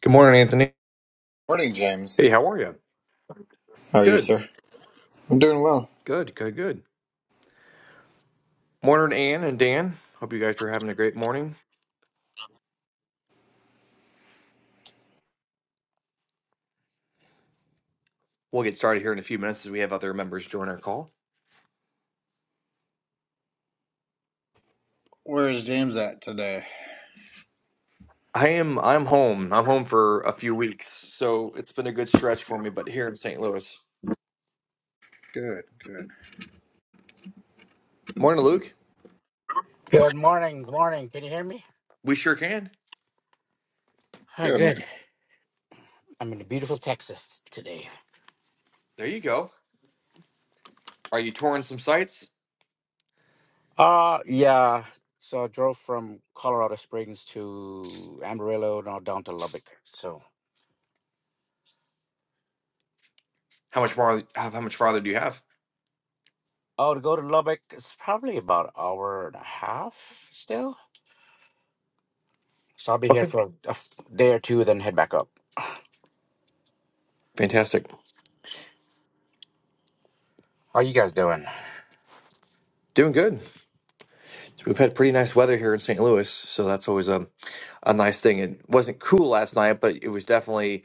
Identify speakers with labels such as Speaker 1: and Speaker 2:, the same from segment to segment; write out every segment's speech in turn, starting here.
Speaker 1: Good morning, Anthony.
Speaker 2: Morning,
Speaker 1: Hey,
Speaker 2: James.
Speaker 1: how are you?
Speaker 2: How are you,
Speaker 1: Good,
Speaker 2: sir? I'm doing well.
Speaker 1: good, good, good. Morning, Ann and Dan. Hope you guys are having a great morning. We'll get started here in a few minutes as we have other members join our call.
Speaker 2: Where is James at today?
Speaker 1: I am I'm home. I'm home for a few weeks, so it's been a good stretch for me. But here in St. Louis,
Speaker 2: Good, good,
Speaker 1: morning, Luke.
Speaker 3: Good morning. Good morning. Can you hear me?
Speaker 1: We sure can.
Speaker 3: Ah,
Speaker 2: good.
Speaker 3: good. I'm in the beautiful Texas today.
Speaker 1: There you go. Are you touring some sites?
Speaker 3: Uh yeah. So I drove from Colorado Springs to Amarillo, now down to Lubbock. So
Speaker 1: How much more? How, how much farther do you have?
Speaker 3: oh, to go to Lubbock, it's probably about an hour and a half still. So I'll be here
Speaker 1: Okay,
Speaker 3: for a f- day or two, then head back up.
Speaker 1: fantastic.
Speaker 3: How are you guys doing?
Speaker 1: Doing good. So we've had pretty nice weather here in St. Louis, so that's always a, a nice thing. It wasn't cool last night, but it was definitely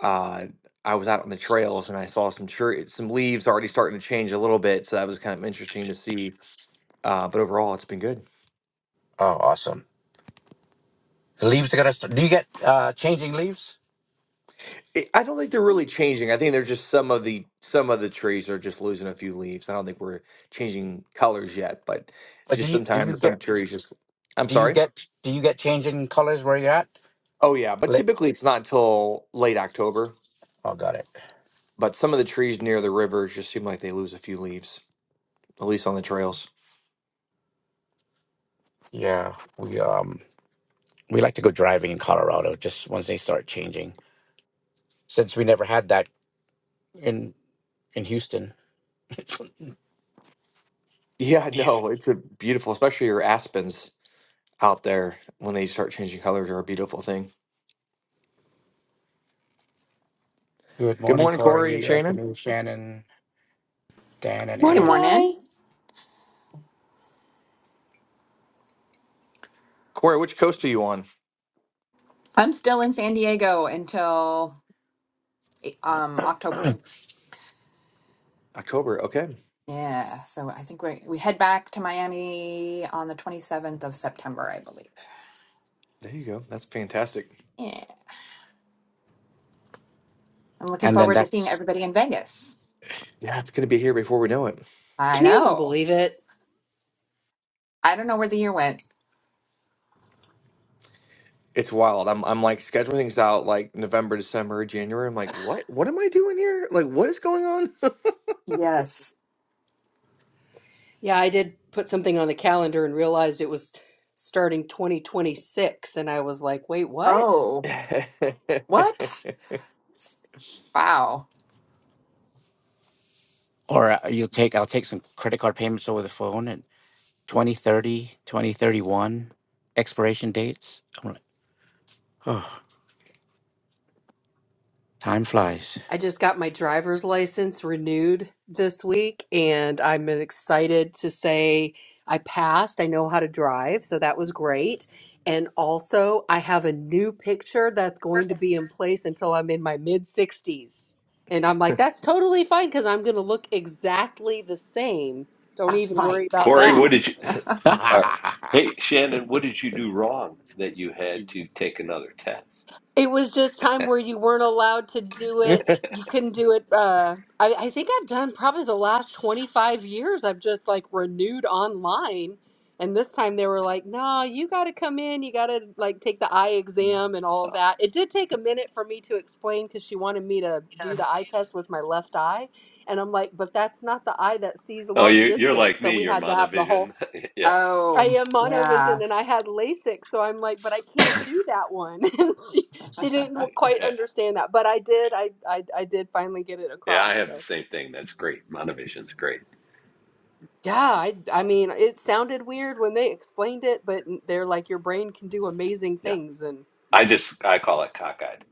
Speaker 1: uh, I was out on the trails and I saw some tree, some leaves already starting to change a little bit. So that was kind of interesting to see. Uh, but overall, it's been good.
Speaker 3: Oh, awesome. The leaves are gonna. St- do you get uh changing leaves?
Speaker 1: It, I don't think they're really changing. I think they're just some of the some of the trees are just losing a few leaves. I don't think we're changing colors yet, but
Speaker 3: Like, do
Speaker 1: just
Speaker 3: you do you
Speaker 1: sometimes some
Speaker 3: get
Speaker 1: trees just. I'm
Speaker 3: do you
Speaker 1: sorry.
Speaker 3: get do you get changing colors where you're at?
Speaker 1: Oh yeah, but
Speaker 3: Like,
Speaker 1: typically it's not until late October.
Speaker 3: oh, got it.
Speaker 1: But some of the trees near the rivers just seem like they lose a few leaves, at least on the trails.
Speaker 3: Yeah, we um we like to go driving in Colorado just once they start changing. Since we never had that in in Houston.
Speaker 1: Yeah, no, it's a beautiful, especially your aspens. out there when they start changing colors are a beautiful thing.
Speaker 3: Good
Speaker 1: Good
Speaker 3: morning,
Speaker 1: morning, Corey and
Speaker 3: Corey,
Speaker 1: Shannon.
Speaker 3: Anthony, Shannon, Dan, and
Speaker 4: Good
Speaker 5: Morning,
Speaker 3: Ann.
Speaker 4: morning.
Speaker 5: guys.
Speaker 1: Corey, which coast are you on?
Speaker 4: I'm still in San Diego until um October.
Speaker 1: October. Okay.
Speaker 4: Yeah, so I think we we head back to Miami on the 27th of September, I believe.
Speaker 1: There you go. That's fantastic.
Speaker 4: Yeah. I'm looking
Speaker 3: And then
Speaker 4: forward to seeing
Speaker 3: that's
Speaker 4: everybody in Vegas.
Speaker 1: Yeah, it's gonna be here before we know it.
Speaker 4: I
Speaker 5: Can you even
Speaker 4: know.
Speaker 5: believe it?
Speaker 4: I don't know where the year went.
Speaker 1: It's wild. I'm I'm like scheduling things out like November, December, January. I'm like, what? What am I doing here? Like, what is going on?
Speaker 4: Yes.
Speaker 5: Yeah, I did put something on the calendar and realized it was starting 2026. And I was like, wait, what?
Speaker 4: Oh, what? Wow.
Speaker 3: or uh, you'll take I'll take some credit card payments over the phone and 2030 2031 expiration dates. I'm like, oh, time flies.
Speaker 5: I just got my driver's license renewed this week, and I'm excited to say I passed. I know how to drive, so that was great. And also, I have a new picture that's going to be in place until I'm in my mid 60s. And I'm like, that's totally fine because I'm going to look exactly the same. Don't
Speaker 4: That's
Speaker 5: even worry
Speaker 4: right.
Speaker 5: about
Speaker 6: Corey, what
Speaker 5: that.
Speaker 6: did you? Uh, hey, Shannon, what did you do wrong that you had
Speaker 3: I
Speaker 6: to take another test?
Speaker 5: It was just time where you weren't allowed to do it. You couldn't do it. Uh, I, I think I've done probably the last 25 years. I've just like renewed online. And this time they were like, no, you got to come in. You got to like take the eye exam and all that. It did take a minute for me to explain because she wanted me to do the eye test with my left eye. And I'm like, but that's not the eye that sees
Speaker 6: Oh,
Speaker 5: long
Speaker 6: you, you're
Speaker 5: distance.
Speaker 6: like
Speaker 5: So
Speaker 6: me.
Speaker 5: we
Speaker 6: You're
Speaker 5: had to have the whole
Speaker 6: monovision. yeah,
Speaker 5: I
Speaker 4: Oh,
Speaker 5: am
Speaker 4: yeah.
Speaker 5: monovision and I had LASIK, so I'm like, but I can't do that one. And she, she didn't quite
Speaker 6: yeah,
Speaker 5: understand that, but I did. I, I I did finally get it
Speaker 6: yeah.
Speaker 5: across.
Speaker 6: I have the
Speaker 5: So
Speaker 6: same thing. That's great. Monovision's great.
Speaker 5: yeah, I I mean, it sounded weird when they explained it, but they're like, your brain can do amazing
Speaker 6: Yeah,
Speaker 5: things, and
Speaker 6: I just I call it cockeyed.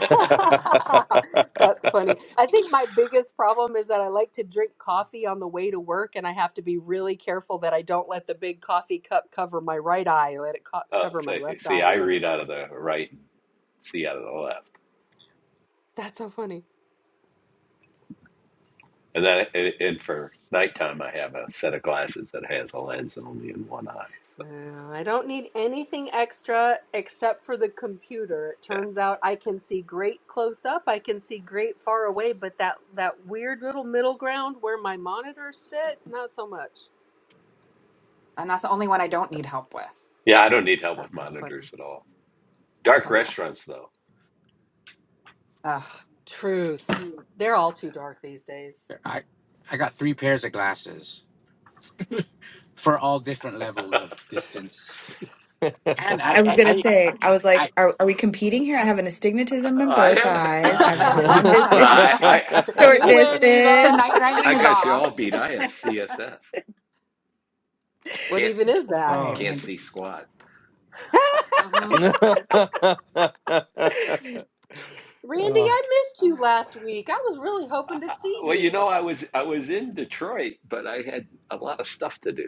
Speaker 5: that's funny. I think my biggest problem is that I like to drink coffee on the way to work, and I have to be really careful that I don't let the big coffee cup cover my right eye. Let it co-
Speaker 6: Uh,
Speaker 5: cover
Speaker 6: so,
Speaker 5: my left
Speaker 6: see,
Speaker 5: eye
Speaker 6: I
Speaker 5: as I'm
Speaker 6: read out of
Speaker 5: driving.
Speaker 6: the right, see out of the left,
Speaker 5: That's so funny.
Speaker 6: and then and and for nighttime, I have a set of glasses that has a lens only in one eye.
Speaker 5: Uh, I don't need anything extra except for the computer. It
Speaker 6: Yeah,
Speaker 5: turns out I can see great close up, I can see great far away, but that that weird little middle ground where my monitors sit, not so much.
Speaker 4: And that's the only one I don't need
Speaker 6: that's-
Speaker 4: help with.
Speaker 6: yeah. I don't need help with
Speaker 5: That's so
Speaker 6: monitors
Speaker 5: funny.
Speaker 6: at all. Dark restaurants, though.
Speaker 5: Truth. They're all too dark these days.
Speaker 3: I got three pairs of glasses for all different levels of distance.
Speaker 1: Yeah,
Speaker 3: And I,
Speaker 7: I was
Speaker 3: I,
Speaker 7: gonna
Speaker 3: I,
Speaker 7: say, I was like,
Speaker 3: I-
Speaker 7: are, are we competing here? I have an astigmatism in
Speaker 6: I
Speaker 7: both
Speaker 6: have.
Speaker 7: eyes.
Speaker 3: uh,
Speaker 7: I've got
Speaker 3: yeah,
Speaker 7: long
Speaker 6: Well,
Speaker 7: distance,
Speaker 6: I, I,
Speaker 4: Ugh.
Speaker 7: short
Speaker 5: you win,
Speaker 4: So
Speaker 5: Eva.
Speaker 7: distance.
Speaker 4: night driving
Speaker 6: I
Speaker 4: is
Speaker 6: got you
Speaker 4: off.
Speaker 6: all beat. I have CSF.
Speaker 5: what
Speaker 6: Can't,
Speaker 5: even is
Speaker 7: All
Speaker 5: that?
Speaker 7: right,
Speaker 3: oh
Speaker 6: can't
Speaker 7: Randy.
Speaker 6: see squad.
Speaker 4: mm-hmm.
Speaker 5: Randy,
Speaker 1: Ah.
Speaker 5: I missed you
Speaker 4: Oh.
Speaker 5: last week. I was really
Speaker 6: Uh,
Speaker 5: hoping to
Speaker 6: uh,
Speaker 5: see
Speaker 6: Well, you know,
Speaker 5: you.
Speaker 6: I was, I was in Detroit, but I had a lot of stuff to do.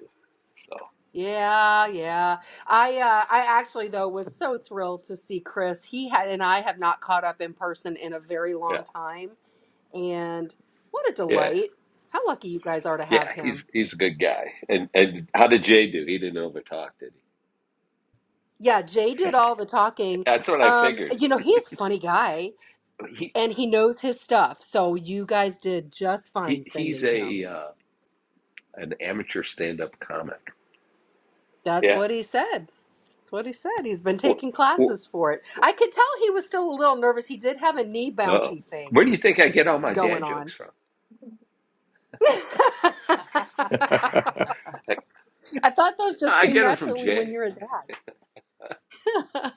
Speaker 6: So
Speaker 5: Yeah, yeah. I uh I actually though was so thrilled to see Chris. He had and I have not caught up in person in a very long
Speaker 6: yeah,
Speaker 5: time. And what a
Speaker 6: yeah,
Speaker 5: delight. How lucky you guys are to
Speaker 6: yeah.
Speaker 5: have
Speaker 6: He's,
Speaker 5: him.
Speaker 6: he's a good guy. And, and how did Jay do? He didn't overtalk, did he?
Speaker 5: Yeah, Jay did all the talking.
Speaker 6: That's what I
Speaker 5: Um,
Speaker 6: figured.
Speaker 5: you know, he's a funny guy
Speaker 6: He,
Speaker 5: and he knows his stuff. So you guys did just fine
Speaker 6: he, he's
Speaker 5: sending him.
Speaker 6: a, uh, an amateur stand-up comic.
Speaker 5: That's
Speaker 6: Yeah.
Speaker 5: what he said. That's what he said. He's been
Speaker 6: Wh-
Speaker 5: taking
Speaker 6: wh-
Speaker 5: classes for it. I could tell he was still a little nervous. He did have a knee
Speaker 6: oh
Speaker 5: bouncy thing
Speaker 6: Where do you think I get all my
Speaker 5: going
Speaker 6: dad jokes
Speaker 5: on.
Speaker 6: from? Like,
Speaker 5: I thought those just
Speaker 6: I
Speaker 5: came
Speaker 6: get them from
Speaker 5: naturally when
Speaker 6: Jay.
Speaker 5: you're a dad.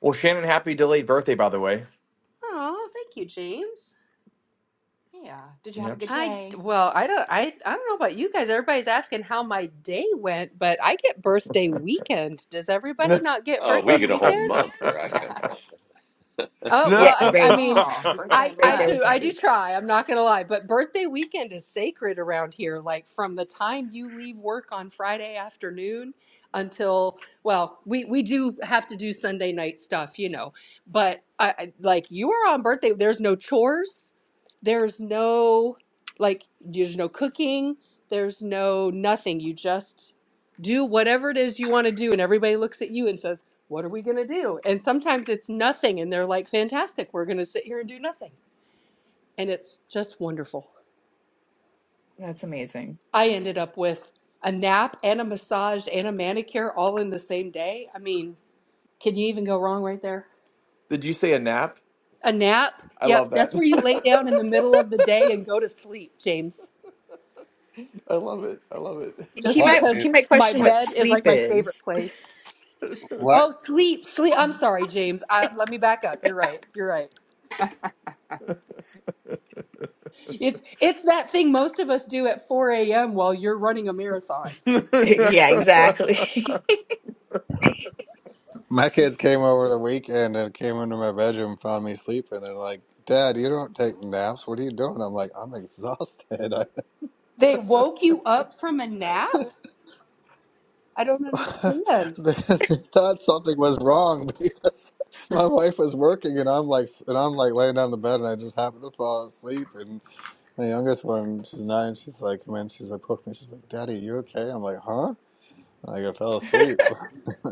Speaker 1: Well, Shannon, happy delayed birthday, by the way.
Speaker 5: oh, thank you, James.
Speaker 4: yeah. Did you have a
Speaker 1: Yep.
Speaker 4: good
Speaker 5: I
Speaker 4: day?
Speaker 5: well, I don't I I don't know about you guys. Everybody's asking how my day went, but I get birthday weekend. Does everybody not get
Speaker 6: Uh, we
Speaker 5: birthday
Speaker 6: get a whole
Speaker 5: weekend?
Speaker 6: month where I come from.
Speaker 5: Oh, well,
Speaker 7: Yeah,
Speaker 5: I
Speaker 1: no.
Speaker 5: I
Speaker 7: right,
Speaker 5: mean,
Speaker 4: oh, birthday
Speaker 5: I
Speaker 7: right
Speaker 5: I
Speaker 7: there
Speaker 4: month.
Speaker 7: with
Speaker 5: do I do
Speaker 7: Randy.
Speaker 5: try. I'm not gonna lie, but birthday weekend is sacred around here. Like from the time you leave work on Friday afternoon until, well, we we do have to do Sunday night stuff, you know. But I, I like you are on birthday. There's no chores. There's no like there's no cooking. There's no nothing. You just do whatever it is you want to do, and everybody looks at you and says, what are we going to do? And sometimes it's nothing. And they're like, fantastic, we're going to sit here and do nothing. And it's just wonderful.
Speaker 7: That's amazing.
Speaker 5: I ended up with a nap and a massage and a manicure all in the same day. I mean, can you even go wrong right there?
Speaker 1: Did you say a nap?
Speaker 5: A nap?
Speaker 1: I love
Speaker 5: Yep,
Speaker 1: that.
Speaker 5: that's where you lay down in the middle of the day and go to sleep, James.
Speaker 1: I love it. I love
Speaker 5: Just
Speaker 7: He
Speaker 2: What
Speaker 7: might
Speaker 1: it.
Speaker 5: because
Speaker 2: is
Speaker 7: he might
Speaker 5: my
Speaker 7: question what
Speaker 5: bed is
Speaker 7: sleep
Speaker 5: like my favorite
Speaker 7: is.
Speaker 5: place.
Speaker 2: what?
Speaker 5: Oh, sleep, sleep. I'm sorry, James. I, let me back up. You're right. You're right. It's it's that thing most of us do at 4 a.m. while you're running a marathon.
Speaker 7: yeah, exactly.
Speaker 2: My kids came over the weekend and came into my bedroom, found me sleeping. They're like, "Dad, you don't take naps. What are you doing?" I'm like, "I'm exhausted." I,
Speaker 5: They woke you up from a nap? I don't understand.
Speaker 2: they, they thought something was wrong because my wife was working, and I'm like, and I'm like laying down in the bed, and I just happened to fall asleep. And my youngest one, she's nine. She's like, come in. She's like, poke me. She's like, "Daddy, you okay?" I'm like, "Huh?" Like I fell asleep.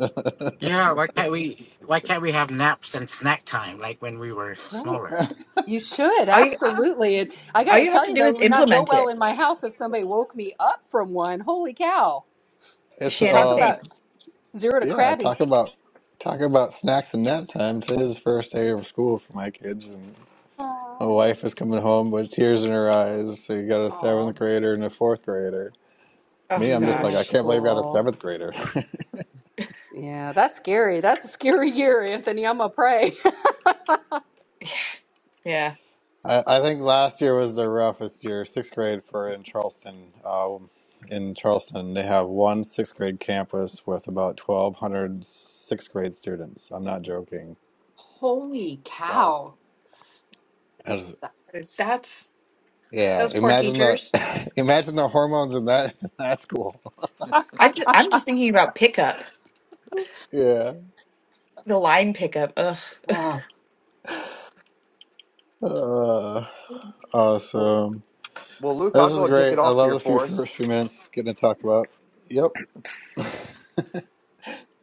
Speaker 3: yeah. Why can't we? Why can't we have naps and snack time like when we were
Speaker 5: Right.
Speaker 3: smaller?
Speaker 5: You should,
Speaker 7: all you
Speaker 5: absolutely. And I
Speaker 7: all
Speaker 5: gotta
Speaker 7: you have
Speaker 5: tell
Speaker 7: to
Speaker 5: you
Speaker 7: do
Speaker 5: though,
Speaker 7: is
Speaker 5: it would not go
Speaker 7: implement
Speaker 5: well
Speaker 7: it.
Speaker 5: in my house if somebody woke me up from one. Holy cow.
Speaker 2: it's
Speaker 7: Shannon
Speaker 5: Talk
Speaker 2: uh,
Speaker 7: same.
Speaker 5: about
Speaker 2: it's-
Speaker 5: zero to
Speaker 2: yeah.
Speaker 5: crabby.
Speaker 2: Talk about talk about snacks and nap time. Today's the first day of school for my kids, and my
Speaker 5: Aw.
Speaker 2: wife is coming home with tears in her eyes. So you got a seventh
Speaker 4: Oh,
Speaker 2: grader and a fourth grader.
Speaker 7: Oh
Speaker 2: Me, I'm just like
Speaker 5: Middle
Speaker 2: I
Speaker 7: gosh,
Speaker 2: can't believe we got a
Speaker 5: school.
Speaker 2: seventh grader.
Speaker 5: Yeah, that's scary. That's a scary year, Anthony. I'm gonna pray.
Speaker 7: yeah.
Speaker 2: I, I think last year was the roughest year. Sixth grade for in Charleston. Um, in Charleston, they have one sixth grade campus with about 1,200 sixth grade students. I'm not joking.
Speaker 4: holy
Speaker 1: wow.
Speaker 4: cow! That-
Speaker 7: That is-
Speaker 4: That's
Speaker 2: Yeah,
Speaker 4: those poor
Speaker 2: imagine the
Speaker 4: teachers.
Speaker 2: imagine the hormones in that That's cool.
Speaker 7: I just I'm just thinking about pickup,
Speaker 2: Yeah.
Speaker 7: the line pickup. Ugh.
Speaker 4: Oh,
Speaker 2: Uh,
Speaker 1: Well,
Speaker 2: awesome.
Speaker 1: well, Luke, I'll
Speaker 2: This is
Speaker 1: go and kick
Speaker 2: great.
Speaker 1: it
Speaker 2: I
Speaker 1: off
Speaker 2: love
Speaker 1: here
Speaker 2: the few
Speaker 1: for us.
Speaker 2: first few minutes getting to talk about. Yep.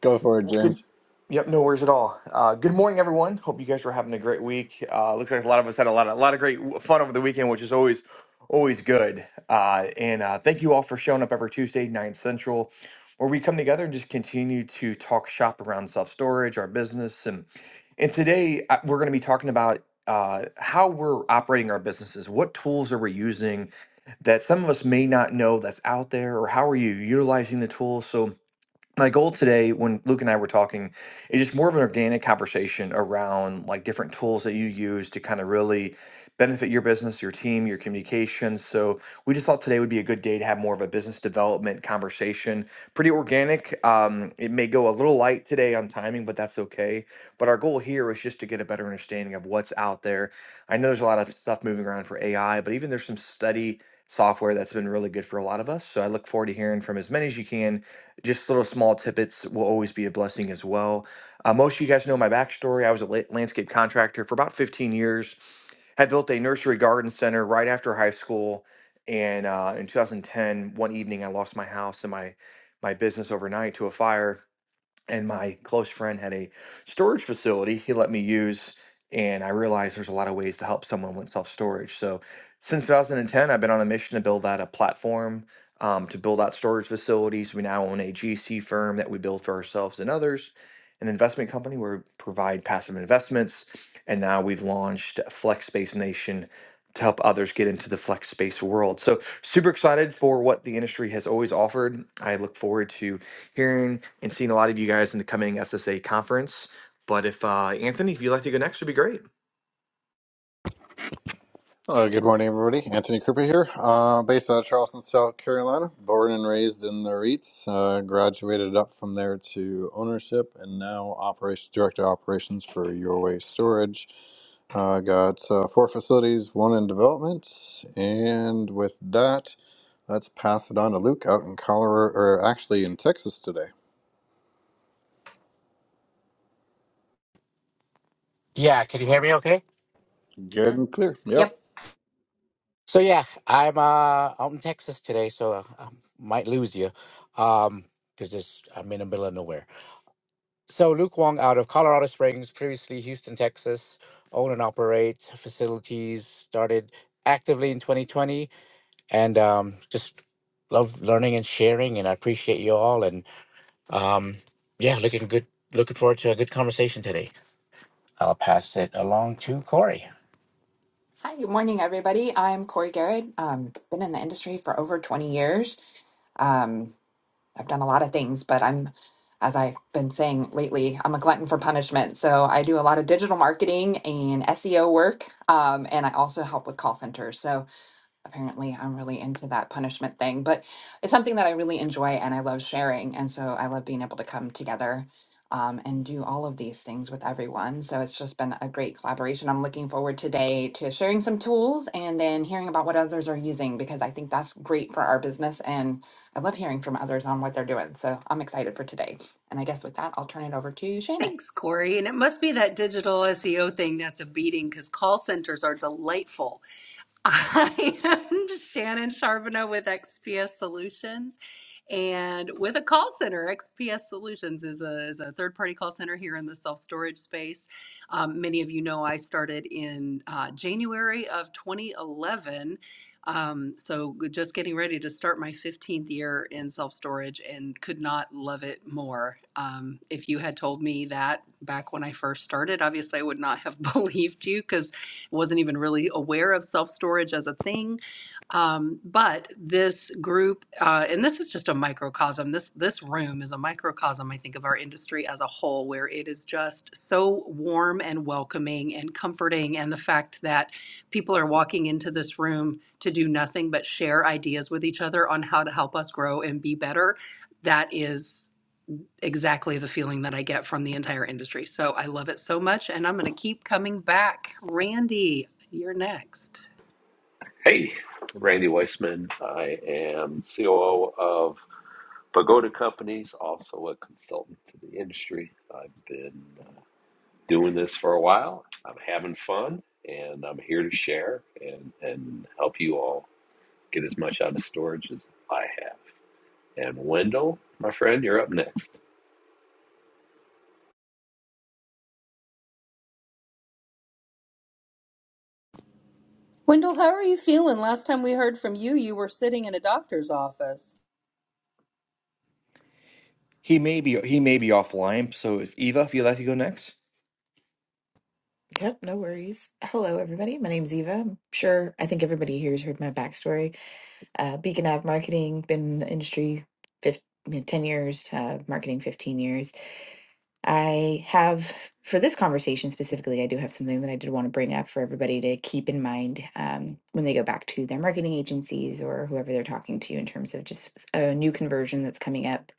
Speaker 2: Go for it,
Speaker 1: Well, good.
Speaker 2: James.
Speaker 1: Yep, no worries at all. Uh, good morning, everyone. Hope you guys were having a great week. Uh, looks like a lot of us had a lot, of, a lot of great fun over the weekend, which is always, always good. Uh, and uh, thank you all for showing up every Tuesday, nine central, where we come together and just continue to talk shop around self storage, our business, and and today uh, we're going to be talking about uh, how we're operating our businesses. What tools are we using that some of us may not know that's out there, or how are you utilizing the tools? So my goal today when luke and i were talking is just more of an organic conversation around like different tools that you use to kind of really benefit your business your team your communications so we just thought today would be a good day to have more of a business development conversation pretty organic um, it may go a little light today on timing but that's okay but our goal here is just to get a better understanding of what's out there i know there's a lot of stuff moving around for ai but even there's some study software that's been really good for a lot of us so i look forward to hearing from as many as you can just little small tidbits will always be a blessing as well. Uh, most of you guys know my backstory. I was a la- landscape contractor for about 15 years. Had built a nursery garden center right after high school, and uh, in 2010, one evening, I lost my house and my my business overnight to a fire and my close friend had a storage facility he let me use and i realized there's a lot of ways to help someone with self-storage so since 2010 i've been on a mission to build out a platform um, to build out storage facilities we now own a gc firm that we build for ourselves and others an investment company where we provide passive investments and now we've launched flex space nation to help others get into the flex space world so super excited for what the industry has always offered i look forward to hearing and seeing a lot of you guys in the coming SSA conference. But if uh, Anthony, if you'd like to go next, would be great.
Speaker 2: Uh, good morning, everybody. Anthony Cooper here, uh, based out of Charleston, South Carolina. Born and raised in the REITs, uh, graduated up from there to ownership, and now operations director of operations for Your Way Storage. Uh, got uh, four facilities, one in development, and with that. Let's pass it on to Luke out in Colorado, or actually in Texas today.
Speaker 3: Yeah. Can you hear me? Okay.
Speaker 2: Good and clear. Yep.
Speaker 4: yep.
Speaker 3: So yeah, I'm uh out in Texas today, so uh, I might lose you, um, because this I'm in the middle of nowhere. So Luke Wong out of Colorado Springs, previously Houston, Texas, own and operate facilities. Started actively in 2020, and um, just love learning and sharing, and I appreciate you all and Um, yeah, looking good. Looking forward to a good conversation today. I'll pass it along to Corey.
Speaker 4: Hi, good morning, everybody. I'm Corey Garrett. Um, been in the industry for over 20 years. Um, I've done a lot of things, but I'm, as I've been saying lately, I'm a glutton for punishment. So I do a lot of digital marketing and SEO work, um, and I also help with call centers. So apparently I'm really into that punishment thing, but it's something that I really enjoy and I love sharing. And so I love being able to come together um, and do all of these things with everyone. So it's just been a great collaboration. I'm looking forward today to sharing some tools and then hearing about what others are using because I think that's great for our business. And I love hearing from others on what they're doing. So I'm excited for today. And I guess with that, I'll turn it over to Shannon.
Speaker 5: Thanks, Corey. And it must be that digital SEO thing that's a beating because call centers are delightful. I am Shannon Charbonneau with XPS Solutions and with a call center. XPS Solutions is a, is a third party call center here in the self storage space. Um, many of you know I started in uh, January of 2011. Um, so just getting ready to start my 15th year in self storage and could not love it more. Um, if you had told me that back when I first started, obviously I would not have believed you because wasn't even really aware of self storage as a thing. Um, but this group, uh, and this is just a microcosm. This this room is a microcosm, I think, of our industry as a whole, where it is just so warm and welcoming and comforting, and the fact that people are walking into this room to do nothing but share ideas with each other on how to help us grow and be better. That is exactly the feeling that I get from the entire industry. So I love it so much, and I'm going to keep coming back. Randy, you're next.
Speaker 6: Hey, Randy Weissman. I am COO of Pagoda Companies, also a consultant to the industry. I've been uh, doing this for a while. I'm having fun, and I'm here to share and, and help you all get as much out of storage as I have. And Wendell, my friend, you're up next.
Speaker 5: Wendell, how are you feeling? Last time we heard from you, you were sitting in a doctor's office.
Speaker 1: He may be he may be offline. So if Eva, if you'd like to go next,
Speaker 7: Yep, no worries. Hello, everybody. My name's Eva. I'm sure I think everybody here's heard my backstory. Uh, Beacon Ave Marketing, been in the industry fif- you know, 10 years, uh, marketing 15 years. I have, for this conversation specifically, I do have something that I did want to bring up for everybody to keep in mind um, when they go back to their marketing agencies or whoever they're talking to in terms of just a new conversion that's coming up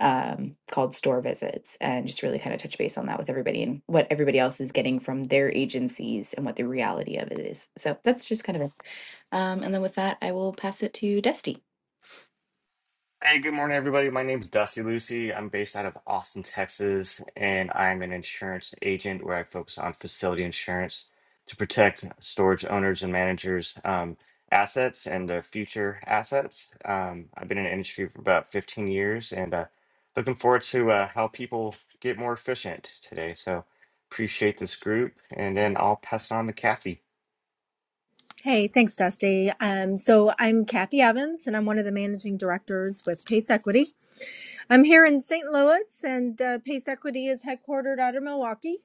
Speaker 7: um, called Store Visits and just really kind of touch base on that with everybody and what everybody else is getting from their agencies and what the reality of it is. So that's just kind of it. Um, and then with that, I will pass it to Dusty.
Speaker 8: Hey, good morning, everybody. My name's Dusty Lucy. I'm based out of Austin, Texas, and I'm an insurance agent where I focus on facility insurance to protect storage owners and managers' um, assets and their future assets. Um, I've been in the industry for about 15 years and uh, looking forward to uh, how people get more efficient today. So appreciate this group, and then I'll pass it on to Kathy.
Speaker 9: Hey, thanks, Dusty. Um, so I'm Kathy Evans, and I'm one of the managing directors with Pace Equity. I'm here in St. Louis, and uh, Pace Equity is headquartered out of Milwaukee.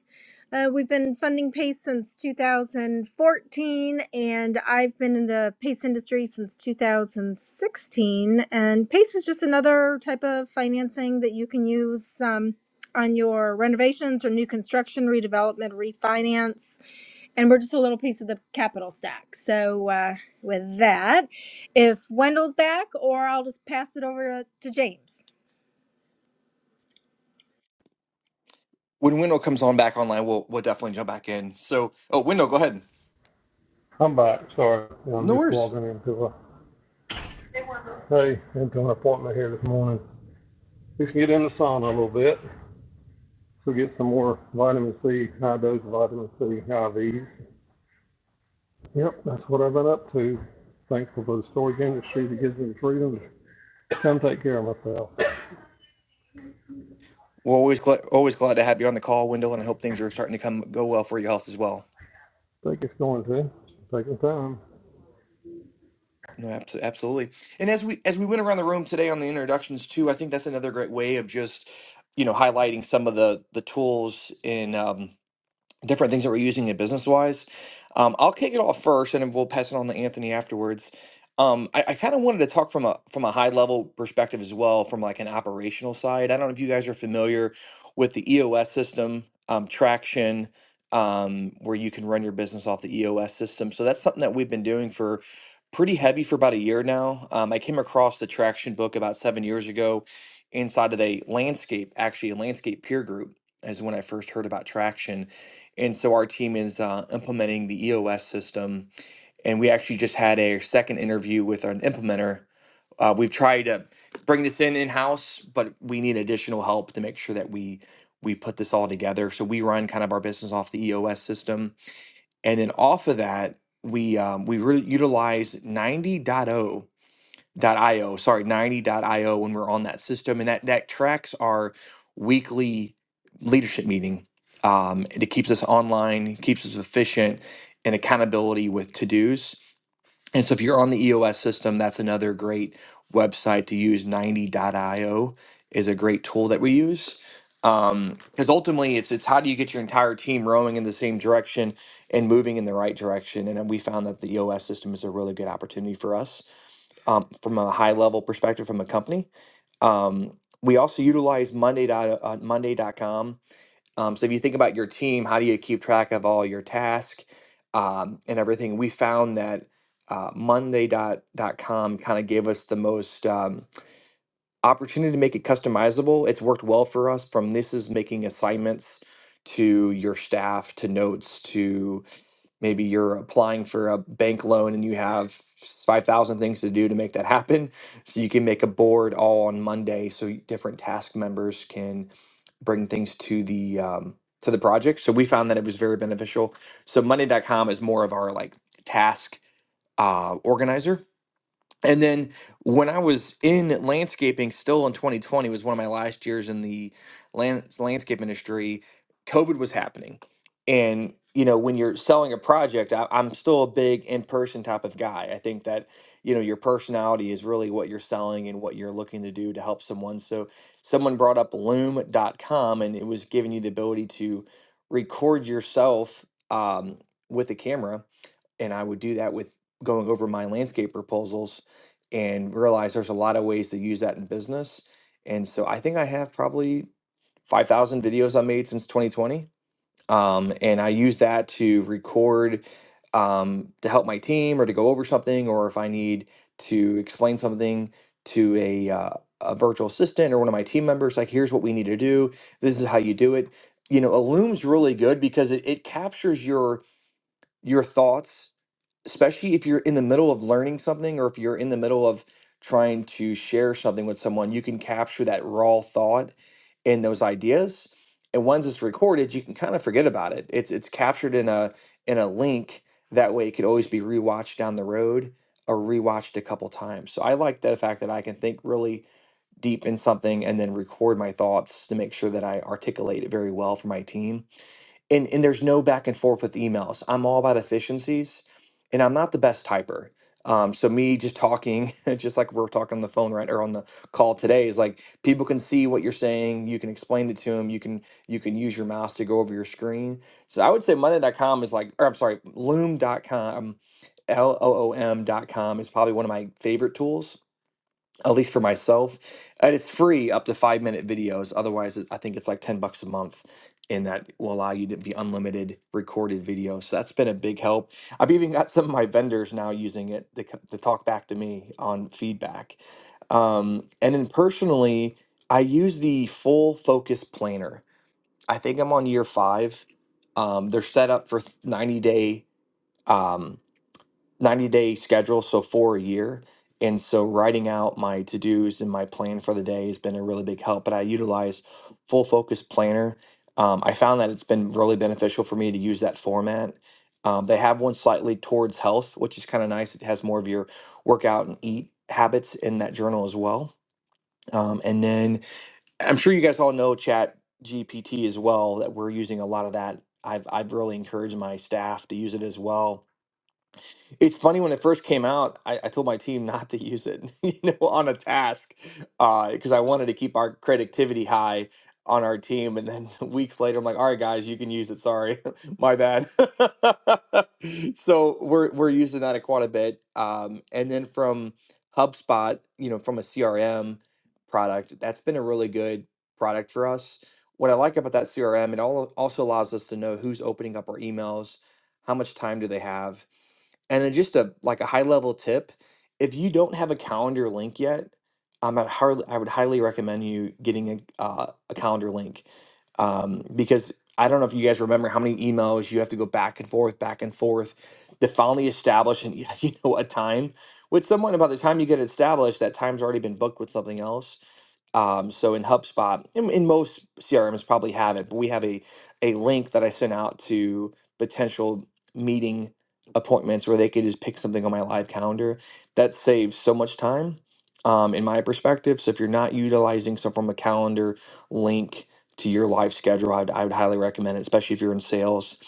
Speaker 9: Uh, we've been funding Pace since 2014, and I've been in the Pace industry since 2016. And Pace is just another type of financing that you can use um, on your renovations or new construction, redevelopment, refinance and we're just a little piece of the capital stack. So uh, with that, if Wendell's back, or I'll just pass it over to, to James.
Speaker 1: when Window comes on back online, we'll we'll definitely jump back in. So oh, Window, go ahead.
Speaker 10: I'm back. Sorry, Yeah,
Speaker 1: No
Speaker 10: I'm just
Speaker 1: worries.
Speaker 10: walking into a hey into an appointment here this morning. We can get in the sauna a little bit. We'll get some more vitamin C, high dose vitamin C IVs. Yep, that's what I've been up to. Thankful for the storage industry that gives me the freedom to come take care of myself. I
Speaker 1: We're always glad always glad to have you on the call, Window, and I hope things are starting to come go well for your health as well.
Speaker 10: think it's going to. It's taking time.
Speaker 1: No, abso- absolutely. And as we as we went around the room today on the introductions too, I think that's another great way of just you know highlighting some of the the tools in. Um, different things that we're using it business wise. Um, I'll kick it off first, and then we'll pass it on to Anthony afterwards. Um, I, I kind of wanted to talk from a from a high level perspective as well, from like an operational side. I don't know if you guys are familiar with the EOS system, um, Traction, um, where you can run your business off the EOS system. So that's something that we've been doing for pretty heavy for about a year now. Um, I came across the Traction book about seven years ago inside of a landscape, actually a landscape peer group is when I first heard about Traction and so our team is uh, implementing the EOS system. And we actually just had a second interview with an implementer. Uh, we've tried to bring this in in house, but we need additional help to make sure that we we put this all together. So we run kind of our business off the EOS system, and then off of that, we um, we really utilize 90.0 ninety dot io sorry, ninety dot io when we're on that system. And that, that tracks our weekly leadership meeting. Um, and it keeps us online, keeps us efficient and accountability with to dos. And so if you're on the EOS system, that's another great website to use. ninety dot io is a great tool that we use. Um, because ultimately it's it's how do you get your entire team rowing in the same direction and moving in the right direction. And we found that the EOS system is a really good opportunity for us um, from a high level perspective from a company. Um, we also utilize Monday dot, uh, Monday.com. Um, so if you think about your team, how do you keep track of all your tasks um, and everything? We found that uh, monday dot com kind of gave us the most um, opportunity to make it customizable. It's worked well for us from this is making assignments to your staff to notes to maybe you're applying for a bank loan and you have 5000 things to do to make that happen so you can make a board all on monday so different task members can bring things to the um, to the project so we found that it was very beneficial so monday.com is more of our like task uh, organizer and then when I was in landscaping, still in 2020, was one of my last years in the land, landscape industry. COVID was happening, and you know when you're selling a project, I, I'm still a big in-person type of guy. I think that you know your personality is really what you're selling and what you're looking to do to help someone. So someone brought up Loom.com, and it was giving you the ability to record yourself um, with a camera and I would do that with going over my landscape proposals and realize there's a lot of ways to use that in business. And so I think I have probably 5,000 videos I made since 2020. Um, and I use that to record um, to help my team or to go over something, or if I need to explain something to a, uh, a virtual assistant or one of my team members, like, here's what we need to do. This is how you do it. You know, a loom's really good because it, it captures your your thoughts especially if you're in the middle of learning something or if you're in the middle of trying to share something with someone, you can capture that raw thought and those ideas. And once it's recorded, you can kind of forget about it. It's it's captured in a in a link that way it could always be rewatched down the road or rewatched a couple times. So I like the fact that I can think really deep in something and then record my thoughts to make sure that I articulate it very well for my team and and there's no back and forth with emails. I'm all about efficiencies, and I'm not the best typer. Um, so me just talking, just like we're talking on the phone right or on the call today, is like people can see what you're saying. You can explain it to them. You can you can use your mouse to go over your screen. So I would say Monday dot com is like, or I'm sorry, Loom dot com, L O O M dot com is probably one of my favorite tools at least for myself. And it's free up to five minute videos. Otherwise, it- I think it's like 10 bucks a month. And that will allow you to be unlimited recorded video. So that's been a big help. I've even got some of my vendors now using it to, c- to talk back to me on feedback. Um, and then personally, I use the full focus planner. I think I'm on year five. Um, they're set up for th- 90 day. um, 90 day schedule, so four a year. And so writing out my to dos and my plan for the day has been a really big help. But I utilize Full Focus Planner. Um, I found that it's been really beneficial for me to use that format. Um, they have one slightly towards health, which is kind of nice. It has more of your workout and eat habits in that journal as well. Um, and then I'm sure you guys all know Chat GPT as well, that we're using a lot of that. I've, I've really encouraged my staff to use it as well it's funny when it first came out, I, I told my team not to use it, you know, on a task, because I wanted to keep our creativity high on our team. And then weeks later, I'm like, "All right, guys, you can use it. Sorry, my bad." so we're we're using that quite a bit. Um, and then from HubSpot, you know, from a CRM product, that's been a really good product for us. What I like about that CRM, it all also allows us to know who's opening up our emails, how much time do they have and then just a like a high level tip, if you don't have a calendar link yet, um, I'd hardly, I would highly recommend you getting a uh, a calendar link um, because I don't know if you guys remember how many emails you have to go back and forth, back and forth to finally establish an you know a time with someone. About the time you get established, that time's already been booked with something else. Um, so in HubSpot, in, in most CRMs probably have it, but we have a a link that I send out to potential meeting appointments where they could just pick something on my live calendar. That saves so much time, um, in my perspective. So if you're not utilizing some from a calendar link to your live schedule, I'd, I would highly recommend it, especially if you're in sales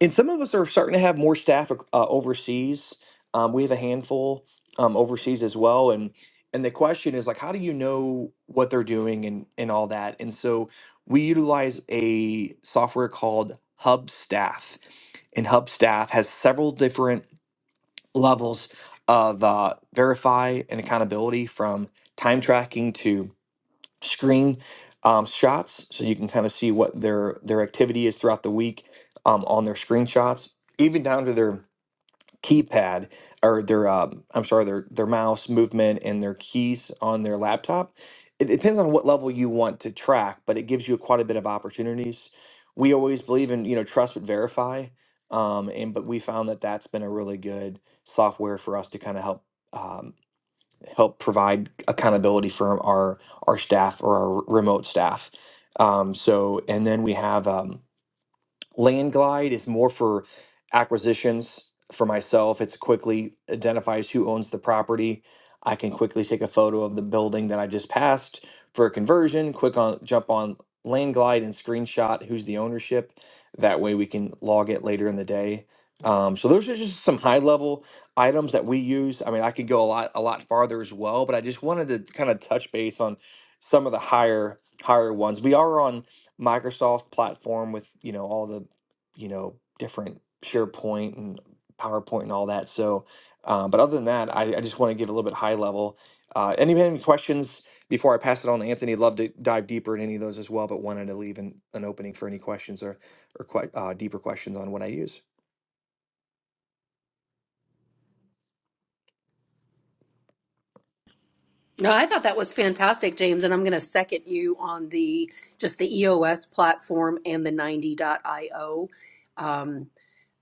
Speaker 1: and some of us are starting to have more staff ac- uh, overseas. Um, we have a handful um, overseas as well, and and the question is like, how do you know what they're doing and and all that? And so we utilize a software called Hubstaff, and Hubstaff has several different levels of uh, verify and accountability from time tracking to screen um, shots so you can kind of see what their their activity is throughout the week um, on their screenshots even down to their keypad or their um, i'm sorry their their mouse movement and their keys on their laptop it depends on what level you want to track but it gives you quite a bit of opportunities we always believe in you know trust but verify um, and but we found that that's been a really good software for us to kind of help Um, help provide accountability for our our staff or our remote staff. Um, so, and then we have um, Land Glide is more for acquisitions for myself. It's quickly identifies who owns the property. I can quickly take a photo of the building that I just passed for a conversion, quick on jump on Land Glide and screenshot who's the ownership. That way we can log it later in the day. Um, so those are just some high level items that we use. I mean, I could go a lot a lot farther as well, but I just wanted to kind of touch base on some of the higher higher ones. We are on Microsoft platform with, you know, all the, you know, different SharePoint and PowerPoint and all that. So, uh, but other than that, I, I just want to give a little bit high level. Uh, any, any questions before I pass it on to Anthony? Love to dive deeper in any of those as well, but wanted to leave an, an opening for any questions or, or quite uh, deeper questions on what I use.
Speaker 5: No, I thought that was fantastic, James, and I'm going to second you on the just the EOS platform and the 90.io. Um,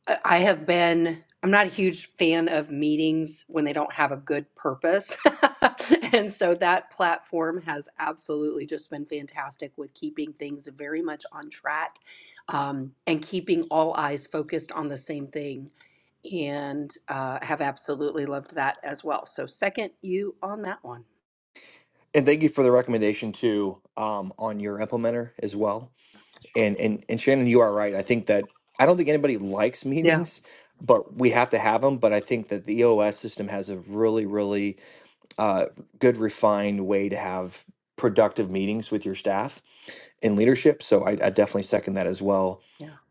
Speaker 5: I I have been, I'm not a huge fan of meetings when they don't have a good purpose. and so that platform has absolutely just been fantastic with keeping things very much on track um, and keeping all eyes focused on the same thing. And uh, have absolutely loved that as well. So, second you on that one.
Speaker 1: And thank you for the recommendation too um, on your implementer as well. and and and Shannon, you are right. I think that I don't think anybody likes
Speaker 5: Yeah.
Speaker 1: meetings, but we have to have them. But I think that the EOS system has a really, really uh, good refined way to have productive meetings with your staff and leadership. So I, I definitely second that as well.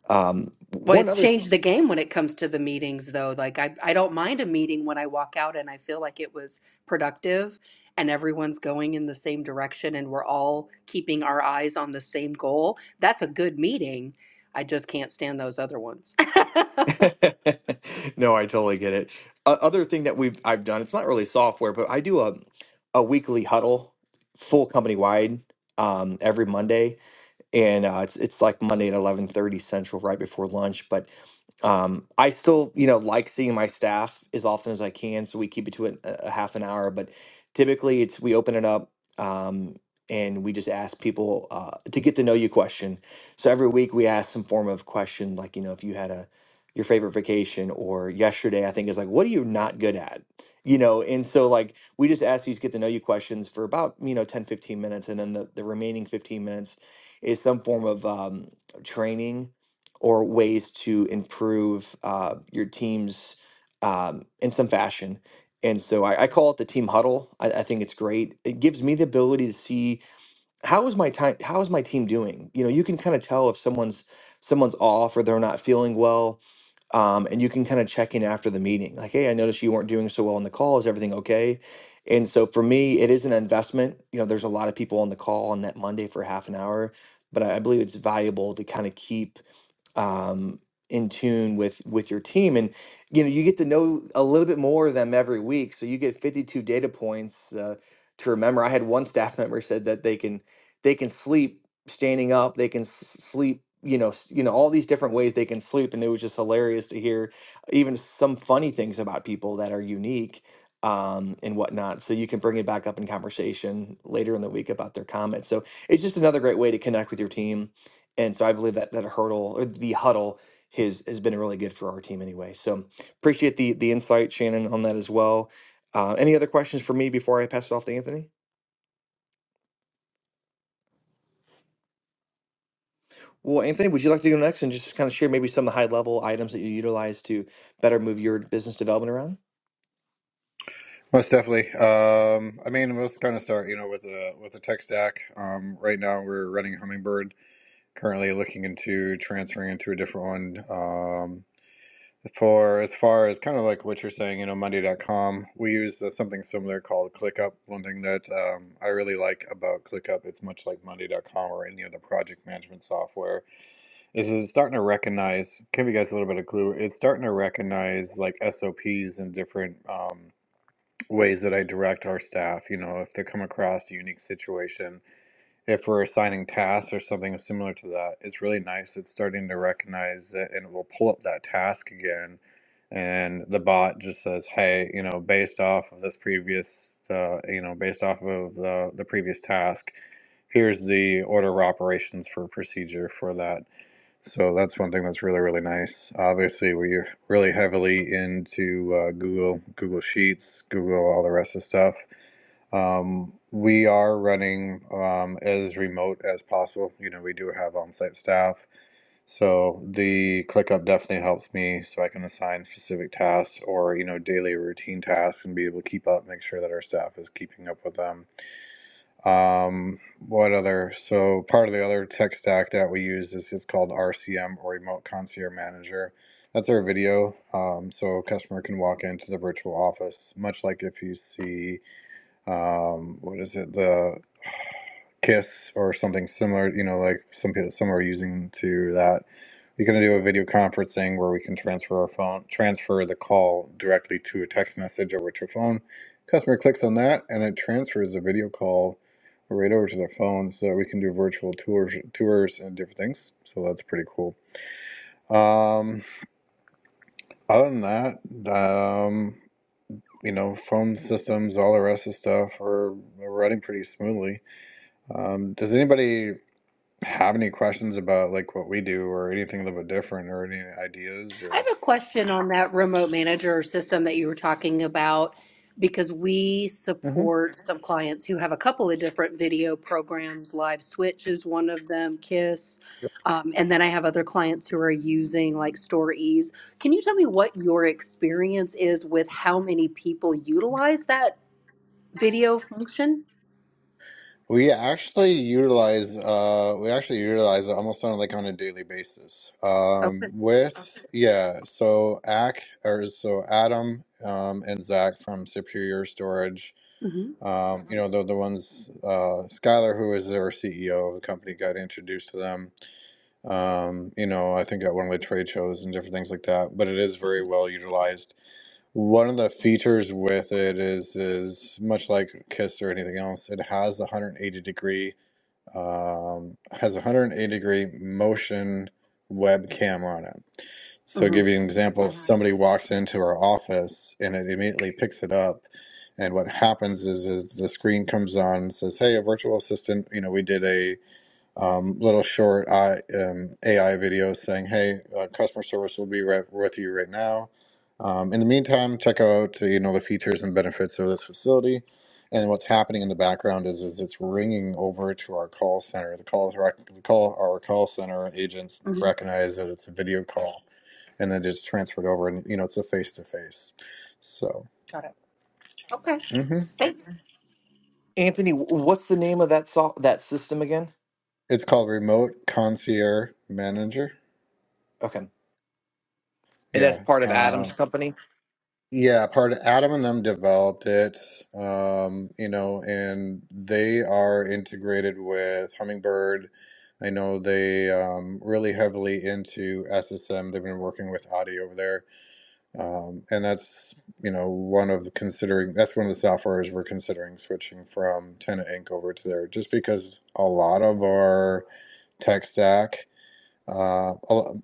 Speaker 1: Um,
Speaker 5: Well,
Speaker 1: one
Speaker 5: it's
Speaker 1: other,
Speaker 5: changed the game when it comes to the meetings, though. Like, I, I don't mind a meeting when I walk out and I feel like it was productive and everyone's going in the same direction and we're all keeping our eyes on the same goal. That's a good meeting. I just can't stand those other ones.
Speaker 1: no, I totally get it. Uh, other thing that we've I've done, it's not really software, but I do a a weekly huddle, full company wide, um, every Monday and uh, it's it's like Monday at eleven thirty Central, right before lunch. But um, I still, you know, like seeing my staff as often as I can, so we keep it to a, a half an hour. But typically, it's we open it up um, and we just ask people uh, to get to know you question. So every week we ask some form of question, like you know, if you had a your favorite vacation, or yesterday I think is like, what are you not good at? You know, and so like we just ask these get to know you questions for about, you know, 10 15 minutes. And then the, the remaining 15 minutes is some form of um, training or ways to improve uh, your teams um, in some fashion. And so I, I call it the team huddle. I, I think it's great. It gives me the ability to see how is my time how is my team doing you know you can kind of tell if someone's someone's off or they're not feeling well um, and you can kind of check in after the meeting like hey i noticed you weren't doing so well on the call is everything okay and so for me it is an investment you know there's a lot of people on the call on that monday for half an hour but i I believe it's valuable to kind of keep um, in tune with with your team and you know you get to know a little bit more of them every week so you get 52 data points uh, to remember i had one staff member said that they can they can sleep standing up they can s- sleep you know s- you know all these different ways they can sleep and it was just hilarious to hear even some funny things about people that are unique um, and whatnot so you can bring it back up in conversation later in the week about their comments so it's just another great way to connect with your team and so I believe that that hurdle or the huddle has has been really good for our team anyway. So appreciate the the insight, Shannon, on that as well. Uh, any other questions for me before I pass it off to Anthony? Well, Anthony, would you like to go next and just kind of share maybe some of the high level items that you utilize to better move your business development around?
Speaker 2: Most definitely. Um, I mean, let's kind of start, you know, with a with a tech stack. Um, right now, we're running Hummingbird. Currently, looking into transferring into a different one. Um, for as far as kind of like what you're saying, you know, Monday.com, we use uh, something similar called ClickUp. One thing that um, I really like about ClickUp, it's much like Monday.com or any other project management software is it's starting to recognize give you guys a little bit of clue it's starting to recognize like sops and different um, ways that i direct our staff you know if they come across a unique situation if we're assigning tasks or something similar to that it's really nice it's starting to recognize it and it will pull up that task again and the bot just says hey you know based off of this previous uh, you know based off of the, the previous task here's the order of operations for procedure for that so that's one thing that's really really nice. Obviously, we're really heavily into uh, Google, Google Sheets, Google, all the rest of stuff. Um, we are running um, as remote as possible. You know, we do have on-site staff, so the ClickUp definitely helps me, so I can assign specific tasks or you know daily routine tasks and be able to keep up, make sure that our staff is keeping up with them um, what other? So part of the other tech stack that we use is it's called RCM or Remote Concierge Manager. That's our video. Um, so a customer can walk into the virtual office, much like if you see um, what is it? The Kiss or something similar. You know, like some people some are using to that. We are gonna do a video conferencing where we can transfer our phone, transfer the call directly to a text message over to a phone. Customer clicks on that, and it transfers the video call right over to their phone, so we can do virtual tours, tours and different things. So that's pretty cool. Um, other than that, um, you know, phone systems, all the rest of stuff are, are running pretty smoothly. Um, does anybody have any questions about like what we do or anything a little bit different or any ideas
Speaker 5: I
Speaker 2: or
Speaker 5: have a question on that remote manager system that you were talking about because we
Speaker 2: hmm
Speaker 5: support some clients who have a couple of different video programs. Live Switch is one of them, KISS. Um, and then I have other clients who are using like StoreEase. Can you tell me what your experience is with how many people utilize that video function?
Speaker 2: we actually utilize uh we actually utilize it almost on like on a daily basis. Um
Speaker 5: Okay.
Speaker 2: with Okay. yeah, so Ack or so Adam um and Zach from Superior Storage.
Speaker 5: Mm-hmm.
Speaker 2: Um, you know, they're the ones uh Skylar who is their CEO of the company got introduced to them um, you know, I think at one of the trade shows and different things like that. But it is very well utilized. One of the features with it is is much like Kiss or anything else, it has the 180 degree um, has a 180 degree motion web cam on it. So, give
Speaker 5: Mm-hmm.
Speaker 2: you an example, if somebody walks into our office and it immediately picks it up, and what happens is is the screen comes on and says, "Hey, a virtual assistant, you know, we did a." um, little short I, um, AI videos saying, "Hey, uh, customer service will be right with you right now." Um, in the meantime, check out uh, you know the features and benefits of this facility. And what's happening in the background is is it's ringing over to our call center. The calls rec- the call our call center agents
Speaker 5: hmm
Speaker 2: recognize that it's a video call, and then it's transferred over, and you know it's a face to face. So
Speaker 5: Got it. Okay.
Speaker 2: hmm
Speaker 5: Thanks.
Speaker 1: Anthony, wh- what's the name of that so- that system again?
Speaker 2: it's called remote concierge manager.
Speaker 1: Okay, and that's
Speaker 2: Yeah.
Speaker 1: part of
Speaker 2: Uh,
Speaker 1: Adam's company.
Speaker 2: Yeah, part of Adam and them developed it, um, you know, and they are integrated with Hummingbird. I know they um, really heavily into SSM. They've been working with Audi over there, um, and that's you know one of considering that's one of the softwares we're considering switching from Tenant Inc. over to there, just because a lot of our tech stack uh, al-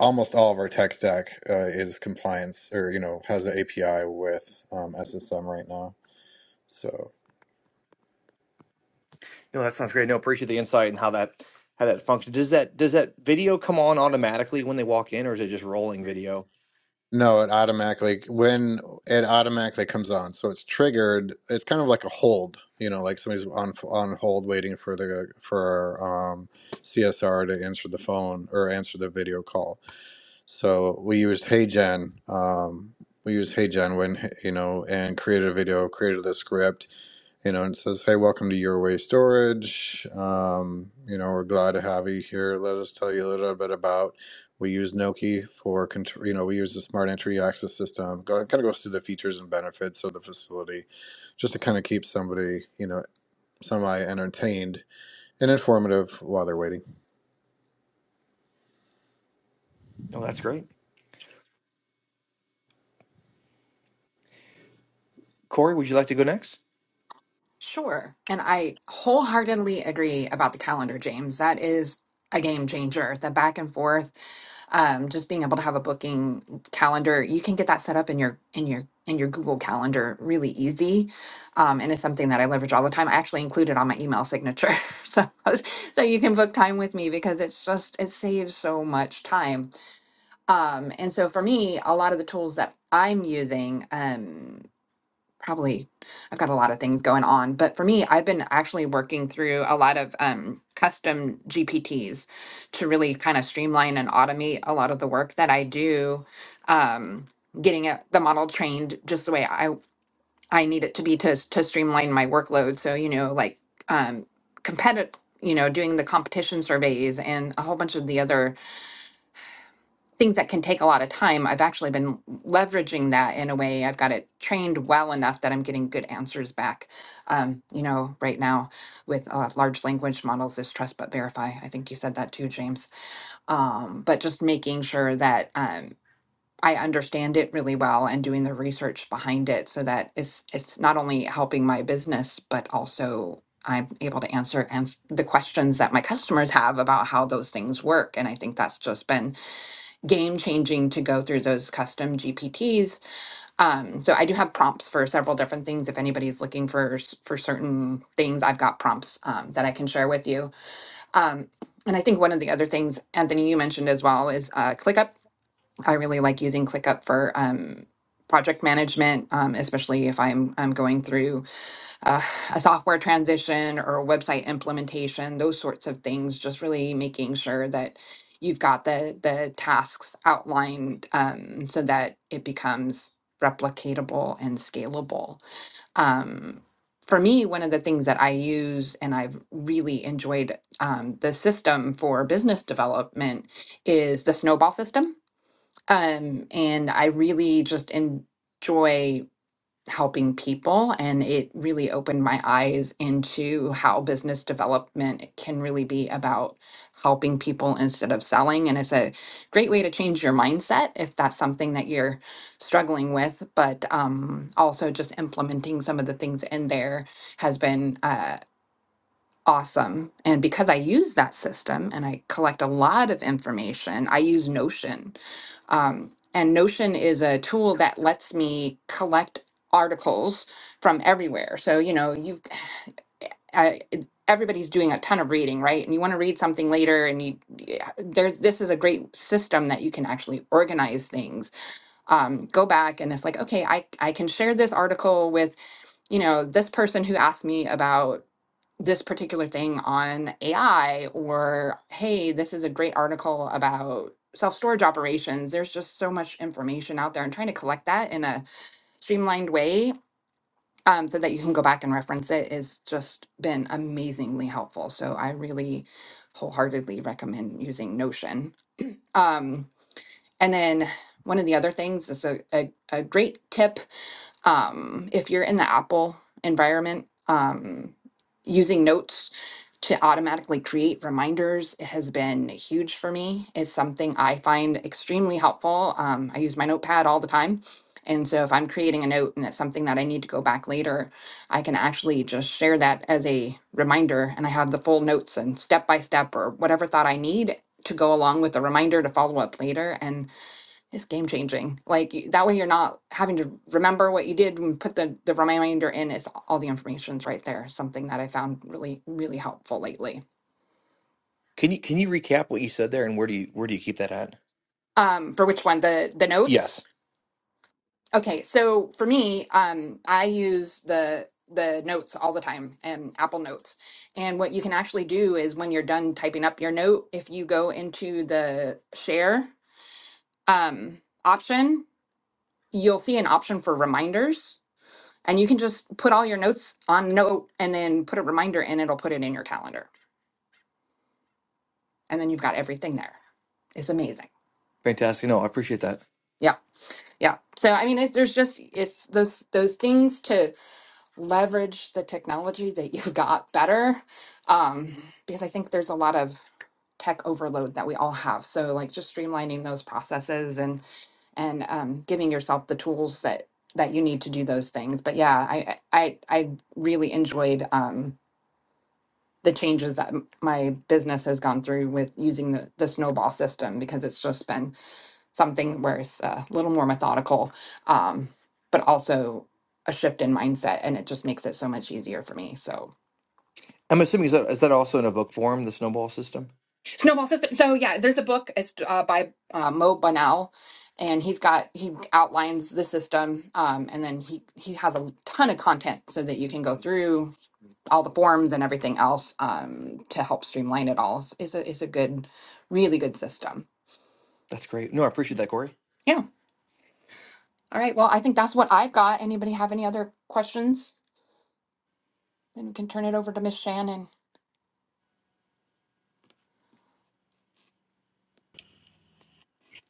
Speaker 2: almost all of our tech stack uh, is compliance or, you know, has an API with um, SSM right now. So,
Speaker 1: No, that sounds great. No, appreciate the insight and how that how that functions. Does that does that video come on automatically when they walk in, or is it just rolling video?
Speaker 2: no, it automatically, when it automatically comes on. So it's triggered, it's kind of like a hold, you know, like somebody's on on hold waiting for the for um, CSR to answer the phone or answer the video call. So we use HeyGen. Um, we use HeyGen when, you know, and created a video, created a script you know, and says, "Hey, welcome to Your Way Storage. Um, you know, we're glad to have you here. Let us tell you a little bit about. We use Noki for control. You know, we use the smart entry access system. Go, kind of goes through the features and benefits of the facility, just to kind of keep somebody, you know, semi entertained and informative while they're waiting.
Speaker 1: No, that's great. Corey, would you like to go next?
Speaker 4: Sure. And I wholeheartedly agree about the calendar, James. That is a game changer. The back and forth, um, just being able to have a booking calendar, you can get that set up in your in your in your Google Calendar really easy. Um, and it's something that I leverage all the time. I actually include it on my email signature. so so you can book time with me because it's just it saves so much time. Um, and so for me, a lot of the tools that I'm using, um, probably I've got a lot of things going on, but for me, I've been actually working through a lot of um, custom GPTs to really kind of streamline and automate a lot of the work that I do. Um, getting it, the model trained just the way I I need it to be to s- to streamline my workload. So you know, like um, competitive, you know, doing the competition surveys and a whole bunch of the other things that can take a lot of time, I've actually been leveraging that in a way. I've got it trained well enough that I'm getting good answers back. Um, you know, right now with uh, large language models is trust but verify. I think you said that too, James. Um, but just making sure that um, I understand it really well and doing the research behind it so that it's it's not only helping my business but also I'm able to answer ans- the questions that my customers have about how those things work. And I think that's just been game changing to go through those custom GPTs. Um, so I do have prompts for several different things. If anybody's looking for s- for certain things, I've got prompts um, that I can share with you. Um, and I think one of the other things, Anthony, you mentioned as well, is uh, ClickUp. I really like using ClickUp for um, project management, um, especially if I'm I'm going through uh, a software transition or a website implementation, those sorts of things, just really making sure that you've got the the tasks outlined um, so that it becomes replicatable and scalable. Um, for me, one of the things that I use and I've really enjoyed um, the system for business development is the snowball system. Um, and I really just enjoy helping people and it really opened my eyes into how business development can really be about helping people instead of selling and it's a great way to change your mindset if that's something that you're struggling with but um, also just implementing some of the things in there has been uh awesome. And because I use that system and I collect a lot of information, I use Notion. Um, and Notion is a tool that lets me collect articles from everywhere. So, you know, you've I, it- everybody's doing a ton of reading, right? And you want to read something later, and you yeah, there. This is a great system that you can actually organize things. Um, go back, and it's like, okay, I I can share this article with you know this person who asked me about this particular thing on AI or hey, this is a great article about self-storage operations. There's just so much information out there and trying to collect that in a streamlined way um, so that you can go back and reference it has just been amazingly helpful. So I really wholeheartedly recommend using Notion. Um, and then one of the other things is a, a, a great tip um, if you're in the Apple environment, um, using notes to automatically create reminders has been huge for me. It's something I find extremely helpful. Um, I use my notepad all the time. And so if I'm creating a note and it's something that I need to go back later, I can actually just share that as a reminder. And I have the full notes and step by step or whatever thought I need to go along with the reminder to follow up later. And it's game changing. Like you- that way you're not having to remember what you did and put the, the reminder in. It's all the information's right there. Something that I found really, really helpful lately.
Speaker 1: Can you can you recap what you said there, and where do you where do you keep that at?
Speaker 4: Um, for which one? The the
Speaker 1: Yes,
Speaker 4: notes? Okay, so for me, um, I use the the notes all the time and Apple Notes. And what you can actually do is when you're done typing up your note, if you go into the share um option, you'll see an option for reminders And you can just put all your notes on note and then put a reminder in, it'll put it in your calendar. And then you've got everything there. It's amazing.
Speaker 1: fantastic. No, I appreciate that.
Speaker 4: Yeah. Yeah. So I mean it's there's just it's those those things to leverage the technology that you've got better. Um, because I think there's a lot of tech overload that we all have. So like just streamlining those processes and and um, giving yourself the tools that that you need to do those things. But yeah, I I I I really enjoyed. Um, the changes that m- my business has gone through with using the, the snowball system because it's just been something where it's a little more methodical, um, but also a shift in mindset, and it just makes it so much easier for me. So
Speaker 1: I'm assuming is that is that also in a book form, the snowball system?
Speaker 4: snowball system. So yeah, there's a book. It's uh, by uh, Mo Bunnell, and he's got he outlines the system, um, and then he he has a ton of content so that you can go through all the forms and everything else um, to help streamline it all. It's a it's a good, really good system.
Speaker 1: That's great. No, I appreciate that, Corey.
Speaker 4: Yeah. All right. Well, I think that's what I've got. Anybody have any other questions? Then we can turn it over to Miss Shannon.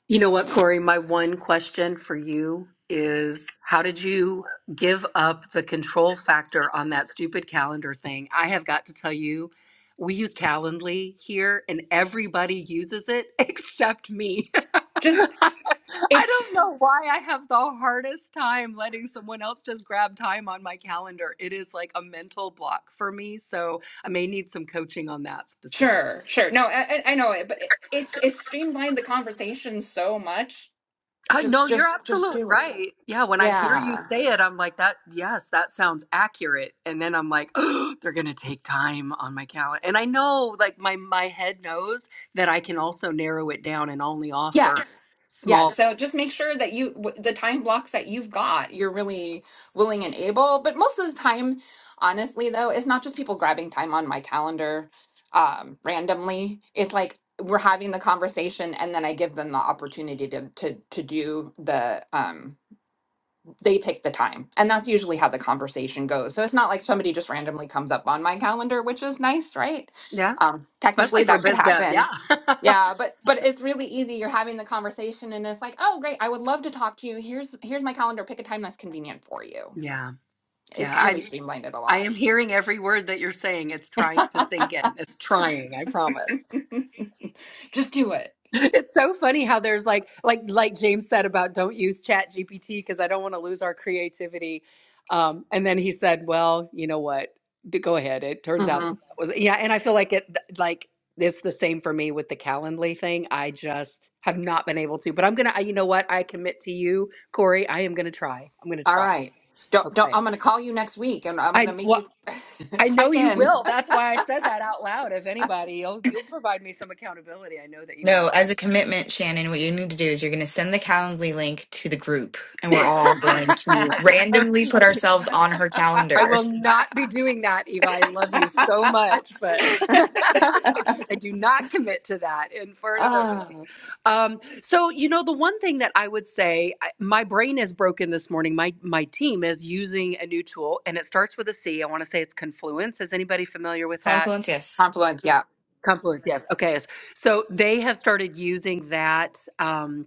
Speaker 5: You know what, Corey? My one question for you is how did you give up the control factor on that stupid calendar thing? I have got to tell you, we use Calendly here and everybody uses it except me.
Speaker 4: just
Speaker 5: I
Speaker 4: it's
Speaker 5: don't know why I have the hardest time letting someone else just grab time on my calendar. It is like a mental block for me. So I may need some coaching on that specifically.
Speaker 4: sure sure no i, I I know it but it, it's it's streamlined the conversation so much
Speaker 5: I
Speaker 4: Just,
Speaker 5: no, you're
Speaker 4: just, just
Speaker 5: absolutely
Speaker 4: do it.
Speaker 5: right. Yeah, when I hear you
Speaker 4: Yeah.
Speaker 5: say it, I'm like that. Yes, that sounds accurate. And then I'm like, they're gonna take time on my calendar. And I know, like my my head knows that I can also narrow it down and only offer
Speaker 4: Yes. Yeah.
Speaker 5: small.
Speaker 4: So just make sure that you, w- the time blocks that you've got, you're really willing and able. But most of the time, honestly, though, it's not just people grabbing time on my calendar um, randomly. It's like we're having the conversation and then I give them the opportunity to, to, to do the, um, they pick the time. And that's usually how the conversation goes. So it's not like somebody just randomly comes up on my calendar, which is nice, right?
Speaker 5: Yeah,
Speaker 4: Um,
Speaker 5: especially
Speaker 4: technically,
Speaker 5: for
Speaker 4: that could
Speaker 5: biz dev.
Speaker 4: happen
Speaker 5: Yeah,
Speaker 4: yeah, but but it's really easy. You're having the conversation and it's like, "Oh, great. I would love to talk to you. Here's here's my calendar. Pick a time that's convenient for you."
Speaker 5: yeah, yeah.
Speaker 4: It's really
Speaker 5: I
Speaker 4: streamlined it a
Speaker 5: I am hearing every word that you're saying. It's
Speaker 4: lot.
Speaker 5: trying to sink in. It's trying. I promise.
Speaker 4: Just do it.
Speaker 5: It's so funny how there's like like like James said about don't use Chat GPT because I don't want to lose our creativity. Um, and then he said, well, you know what? D- Go ahead. It turns out
Speaker 4: hmm
Speaker 5: that was yeah. And I feel like it like it's the same for me with the Calendly thing. I just have not been able to. But I'm gonna. I, you know what? I commit to you, Corey. I am gonna try. I'm gonna
Speaker 4: All
Speaker 5: try.
Speaker 4: right. Don't don't
Speaker 5: Okay.
Speaker 4: I'm going to call you next week and I'm going to
Speaker 5: I
Speaker 4: make
Speaker 5: well.
Speaker 4: you
Speaker 5: I know
Speaker 4: check
Speaker 5: you
Speaker 4: in.
Speaker 5: will. That's why I said that out loud. If anybody, you'll you'll provide me some accountability. I know that you will.
Speaker 7: No, as a commitment, Shannon, what you need to do is you're going to send the Calendly link to the group, and we're all going to randomly put ourselves on her
Speaker 5: I will
Speaker 7: calendar.
Speaker 5: not be doing that, Eva. I love you so much, but I do not commit to that in front of everybody.
Speaker 4: Oh,
Speaker 5: Um, so, you know, the one thing that I would say, I, my brain is broken this morning. My my team is using a new tool, and it starts with a C. I want to say it's Confluence. Is anybody familiar with that?
Speaker 7: Confluence, yes.
Speaker 4: confluence, yeah.
Speaker 5: Confluence, yes. Okay. yes. So they have started using that. Um,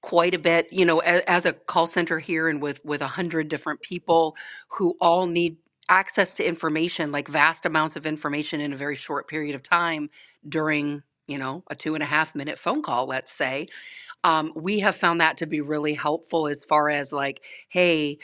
Speaker 5: quite a bit you know as, as a call center here and with with a hundred different people who all need access to information like vast amounts of information in a very short period of time during you know a two and a half minute phone call let's say um, we have found that to be really helpful as far as like, hey,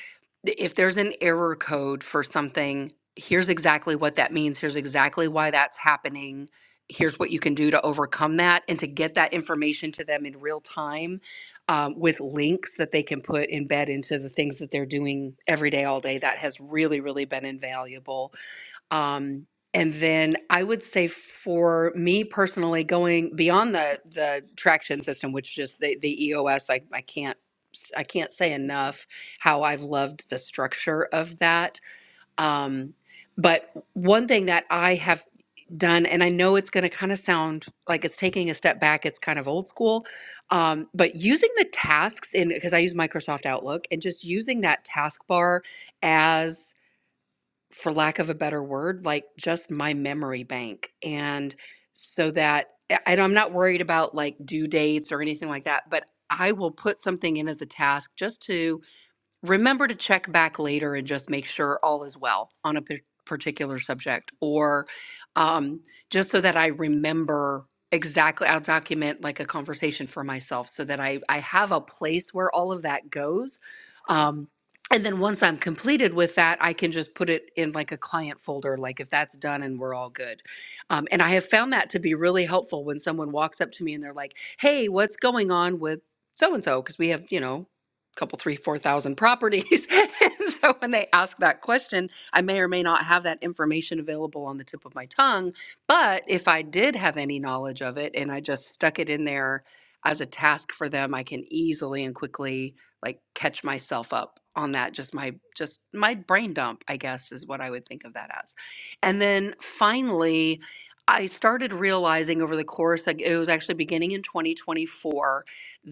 Speaker 5: th- if there's an error code for something, here's exactly what that means. Here's exactly why that's happening. Here's what you can do to overcome that and to get that information to them in real time um, with links that they can put embed into the things that they're doing every day, all day. That has really, really been invaluable um, and then I would say for me personally, going beyond the the traction system, which is the the EOS, I, I can't s- I can't say enough how I've loved the structure of that. Um, but one thing that I have done, and I know it's going to kind of sound like it's taking a step back, it's kind of old school, um, but using the tasks in because I use Microsoft Outlook and just using that task bar for lack of a better word, like just my memory bank. And so that I- and I'm not worried about like due dates or anything like that, but I will put something in as a task just to remember to check back later and just make sure all is well on a p- particular subject or um, just so that i remember exactly i'll document like a conversation for myself so that i i have a place where all of that goes um, and then once i'm completed with that i can just put it in like a client folder like if that's done and we're all good um, and i have found that to be really helpful when someone walks up to me and they're like hey what's going on with so and so because we have you know couple three four thousand properties and so when they ask that question i may or may not have that information available on the tip of my tongue but if i did have any knowledge of it and i just stuck it in there as a task for them i can easily and quickly like catch myself up on that just my just my brain dump i guess is what i would think of that as and then finally i started realizing over the course like it was actually beginning in 2024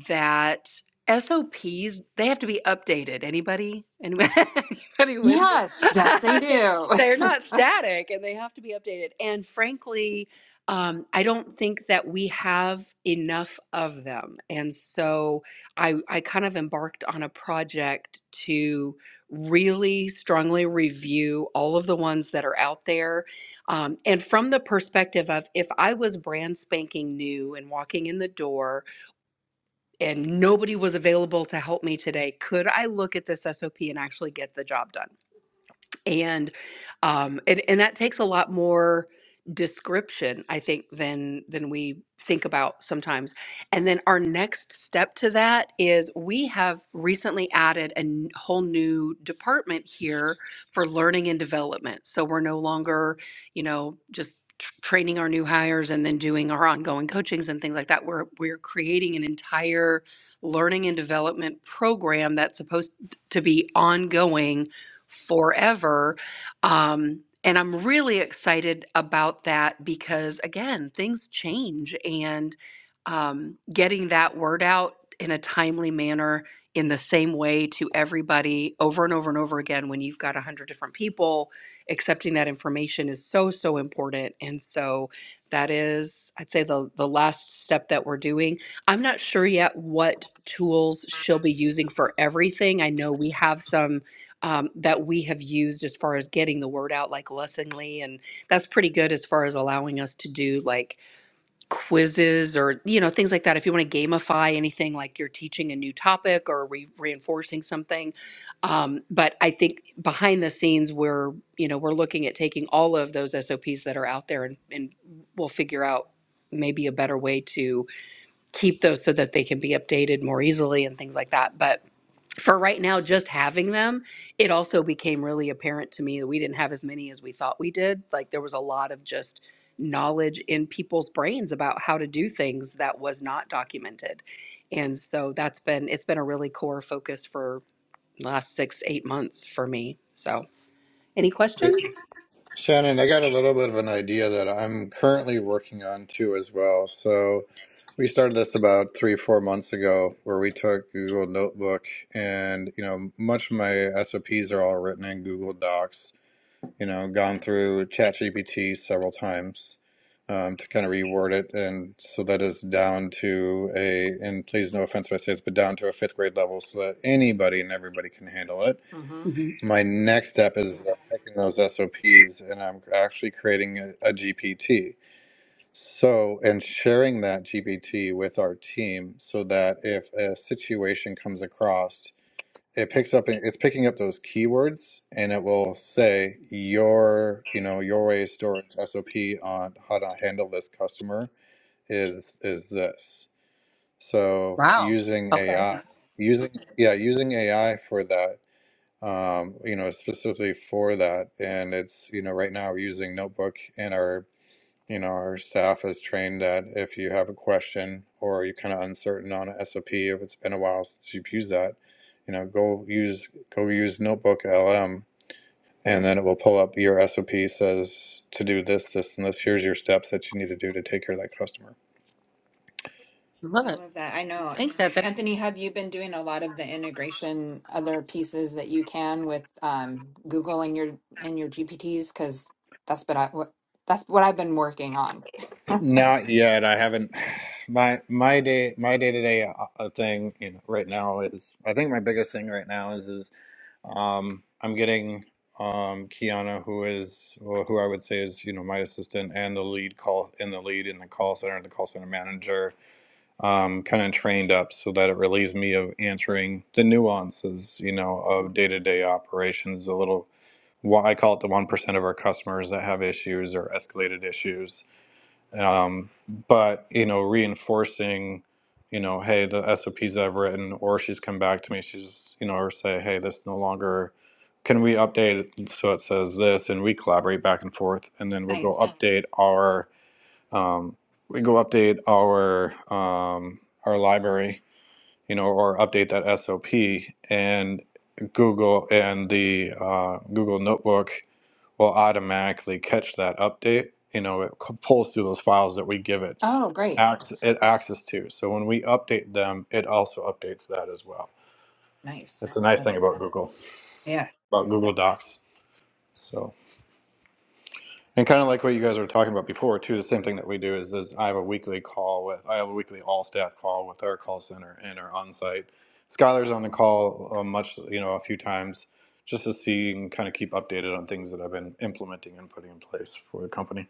Speaker 5: that SOPs, they have to be updated. Anybody? Anybody, anybody with me?
Speaker 4: Yes, yes they do.
Speaker 5: They're not static and they have to be updated. And frankly, um, I don't think that we have enough of them. And so I, I kind of embarked on a project to really strongly review all of the ones that are out there. Um, and from the perspective of if I was brand spanking new and walking in the door, and nobody was available to help me today. Could I look at this SOP and actually get the job done? and um and, and that takes a lot more description i think than than we think about sometimes and then our next step to that is we have recently added a n- whole new department here for learning and development so we're no longer you know just tr- training our new hires and then doing our ongoing coachings and things like that we're we're creating an entire learning and development program that's supposed to be ongoing forever. Um, and I'm really excited about that because, again, things change and um, getting that word out in a timely manner in the same way to everybody over and over and over again when you've got 100 different people accepting that information is so so important and so that is i'd say the the last step that we're doing i'm not sure yet what tools she'll be using for everything i know we have some um, that we have used as far as getting the word out, like Lessingly, and that's pretty good as far as allowing us to do like quizzes or you know things like that. If you want to gamify anything, like you're teaching a new topic or re- reinforcing something, um, but I think behind the scenes we're you know we're looking at taking all of those SOPs that are out there and, and we'll figure out maybe a better way to keep those so that they can be updated more easily and things like that. But for right now, just having them, it also became really apparent to me that we didn't have as many as we thought we did. Like there was a lot of just knowledge in people's brains about how to do things that was not documented. And so that's been it's been a really core focus for the last six, eight months for me. So any
Speaker 2: It,
Speaker 5: questions?
Speaker 2: Shannon, I got a little bit of an idea that I'm currently working on too as well. So we started this about three, four months ago where we took Google Notebook and, you know, much of my SOPs are all written in Google Docs, you know, gone through ChatGPT several times um, to kind of reword it. And so that is down to a, and please no offense if I say this, but down to a fifth grade level so that anybody and everybody can handle it
Speaker 4: Mhm.
Speaker 5: Mhm.
Speaker 2: my next step is uh, taking those SOPs and I'm actually creating a, GPT. So, and sharing that GPT with our team so that if a situation comes across, it picks up, it's picking up those keywords and it will say your, you know, your way of storage SOP on how to handle this customer is, is this. So
Speaker 5: Wow.
Speaker 2: using
Speaker 5: Okay.
Speaker 2: AI, using, yeah, using AI for that um, you know, specifically for that. And it's, you know, right now we're using Notebook and our, you know, our staff is trained that if you have a question or you're kind of uncertain on a SOP, if it's been a while since you've used that, you know, go use, go use Notebook LM and then it will pull up your SOP says to do this, this, and this. Here's your steps that you need to do to take care of that customer.
Speaker 5: Love
Speaker 4: I
Speaker 5: it.
Speaker 4: love that. I know.
Speaker 5: Thanks, Anthony.
Speaker 4: Anthony, have you been doing a lot of the integration, other pieces that you can with um, Google and your and your GPTs? Because that's but I what that's what I've been working on.
Speaker 2: Not yet. I haven't. My my day my day to day thing you know, right now is I think my biggest thing right now is is Um, I'm getting um, Kiana, who is well, who I would say is you know my assistant and the lead call in the lead in the call center and the call center manager, um, kind of trained up so that it relieves me of answering the nuances you know of day to day operations. The little why I call it the one percent of our customers that have issues or escalated issues um, but you know reinforcing you know hey the sops i've written or she's come back to me she's you know or say hey this no longer can we update it so it says this and we collaborate back and forth and then we'll go
Speaker 4: Nice.
Speaker 2: update our um, we go update our um, our library you know or update that sop and google and the uh, google notebook will automatically catch that update. You know, it c- pulls through those files that we give it
Speaker 4: Oh, great.
Speaker 2: access, it access to. So when we update them, it also updates that as well. That's
Speaker 4: Nice.
Speaker 2: the nice
Speaker 4: Love
Speaker 2: thing
Speaker 4: it.
Speaker 2: about Google,
Speaker 4: Yes.
Speaker 2: about Google Docs. So, and kind of like what you guys were talking about before too, the same thing that we do is, is I have a weekly call with, I have a weekly all staff call with our call center and our on-site. Skylar's on the call uh, much, you know, a few times just to see and kind of keep updated on things that I've been implementing and putting in place for the company.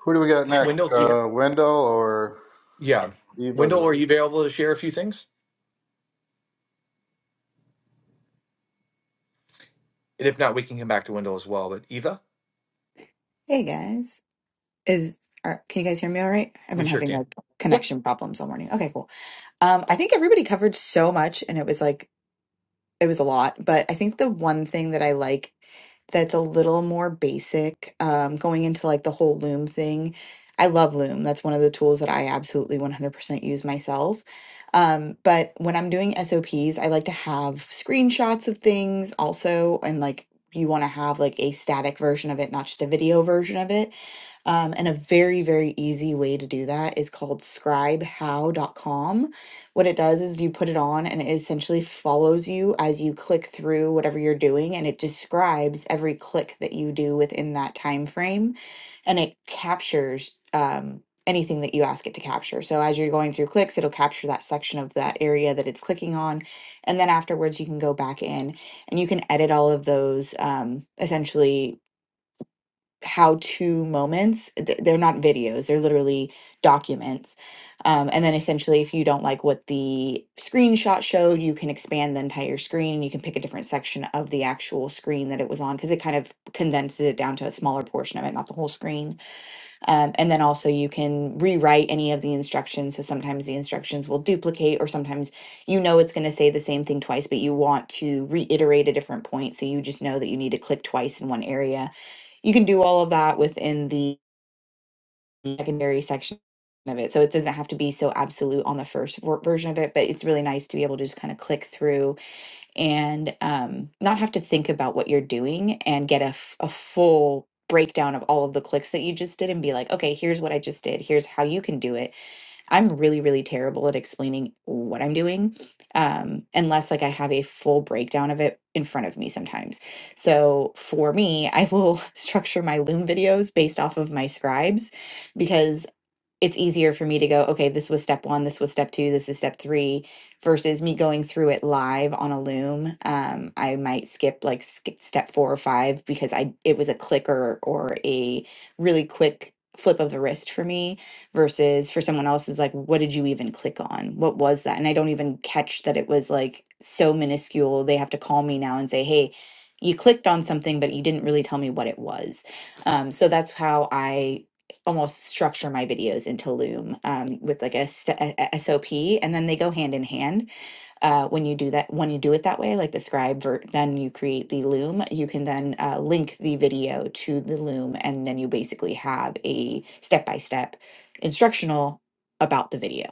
Speaker 2: Who do we got
Speaker 1: Wendell,
Speaker 2: next?
Speaker 1: do you?
Speaker 2: Uh, Wendell or
Speaker 1: Yeah. Wendell,
Speaker 2: Eva?
Speaker 1: are you available to share a few things? And if not, we can come back to Wendell as well. But Eva,
Speaker 7: Hey guys, is are, can you guys hear me all right? I've
Speaker 1: we
Speaker 7: been
Speaker 1: sure
Speaker 7: having
Speaker 1: can.
Speaker 7: like
Speaker 4: Yep.
Speaker 7: connection problems all morning. Okay, cool. Um, I think everybody covered so much, and it was like it was a lot, but I think the one thing that I like that's a little more basic, um, going into like the whole Loom thing. I love Loom. That's one of the tools that I absolutely 100% use myself. Um, but when I'm doing SOPs, I like to have screenshots of things also, and like you want to have like a static version of it, not just a video version of it. Um, and a very, very easy way to do that is called scribehow.com what it does is you put it on and it essentially follows you as you click through whatever you're doing and it describes every click that you do within that time frame and it captures um, anything that you ask it to capture. So as you're going through clicks, it'll capture that section of that area that it's clicking on. And then afterwards, you can go back in and you can edit all of those um, essentially how to moments. Th- They're not videos, they're literally documents. Um, and then essentially, if you don't like what the screenshot showed, you can expand the entire screen and you can pick a different section of the actual screen that it was on because it kind of condenses it down to a smaller portion of it, not the whole screen. Um, and then also, you can rewrite any of the instructions. So sometimes the instructions will duplicate, or sometimes you know it's going to say the same thing twice, but you want to reiterate a different point. So you just know that you need to click twice in one area you can do all of that within the secondary section of it. So it doesn't have to be so absolute on the first ver- version of it, but it's really nice to be able to just kind of click through and um, not have to think about what you're doing and get a, f- a full breakdown of all of the clicks that you just did and be like, okay, here's what I just did. Here's how you can do it I'm really, really terrible at explaining what I'm doing, um, unless like I have a full breakdown of it in front of me sometimes. So for me, I will structure my Loom videos based off of my scribes because it's easier for me to go, okay, this was step one, this was step two, this is step three, versus me going through it live on a Loom. Um, I might skip like skip step four or five because I it was a clicker or a really quick flip of the wrist for me versus for someone else is like what did you even click on what was that and i don't even catch that it was like so minuscule they have to call me now and say hey you clicked on something but you didn't really tell me what it was um, so that's how i almost structure my videos into Loom um, with like a, s- a- a- SOP, and then they go hand in hand. Uh, when you do that, when you do it that way, like the scribe, ver- then you create the Loom. You can then uh, link the video to the Loom, and then you basically have a step by step instructional about the video.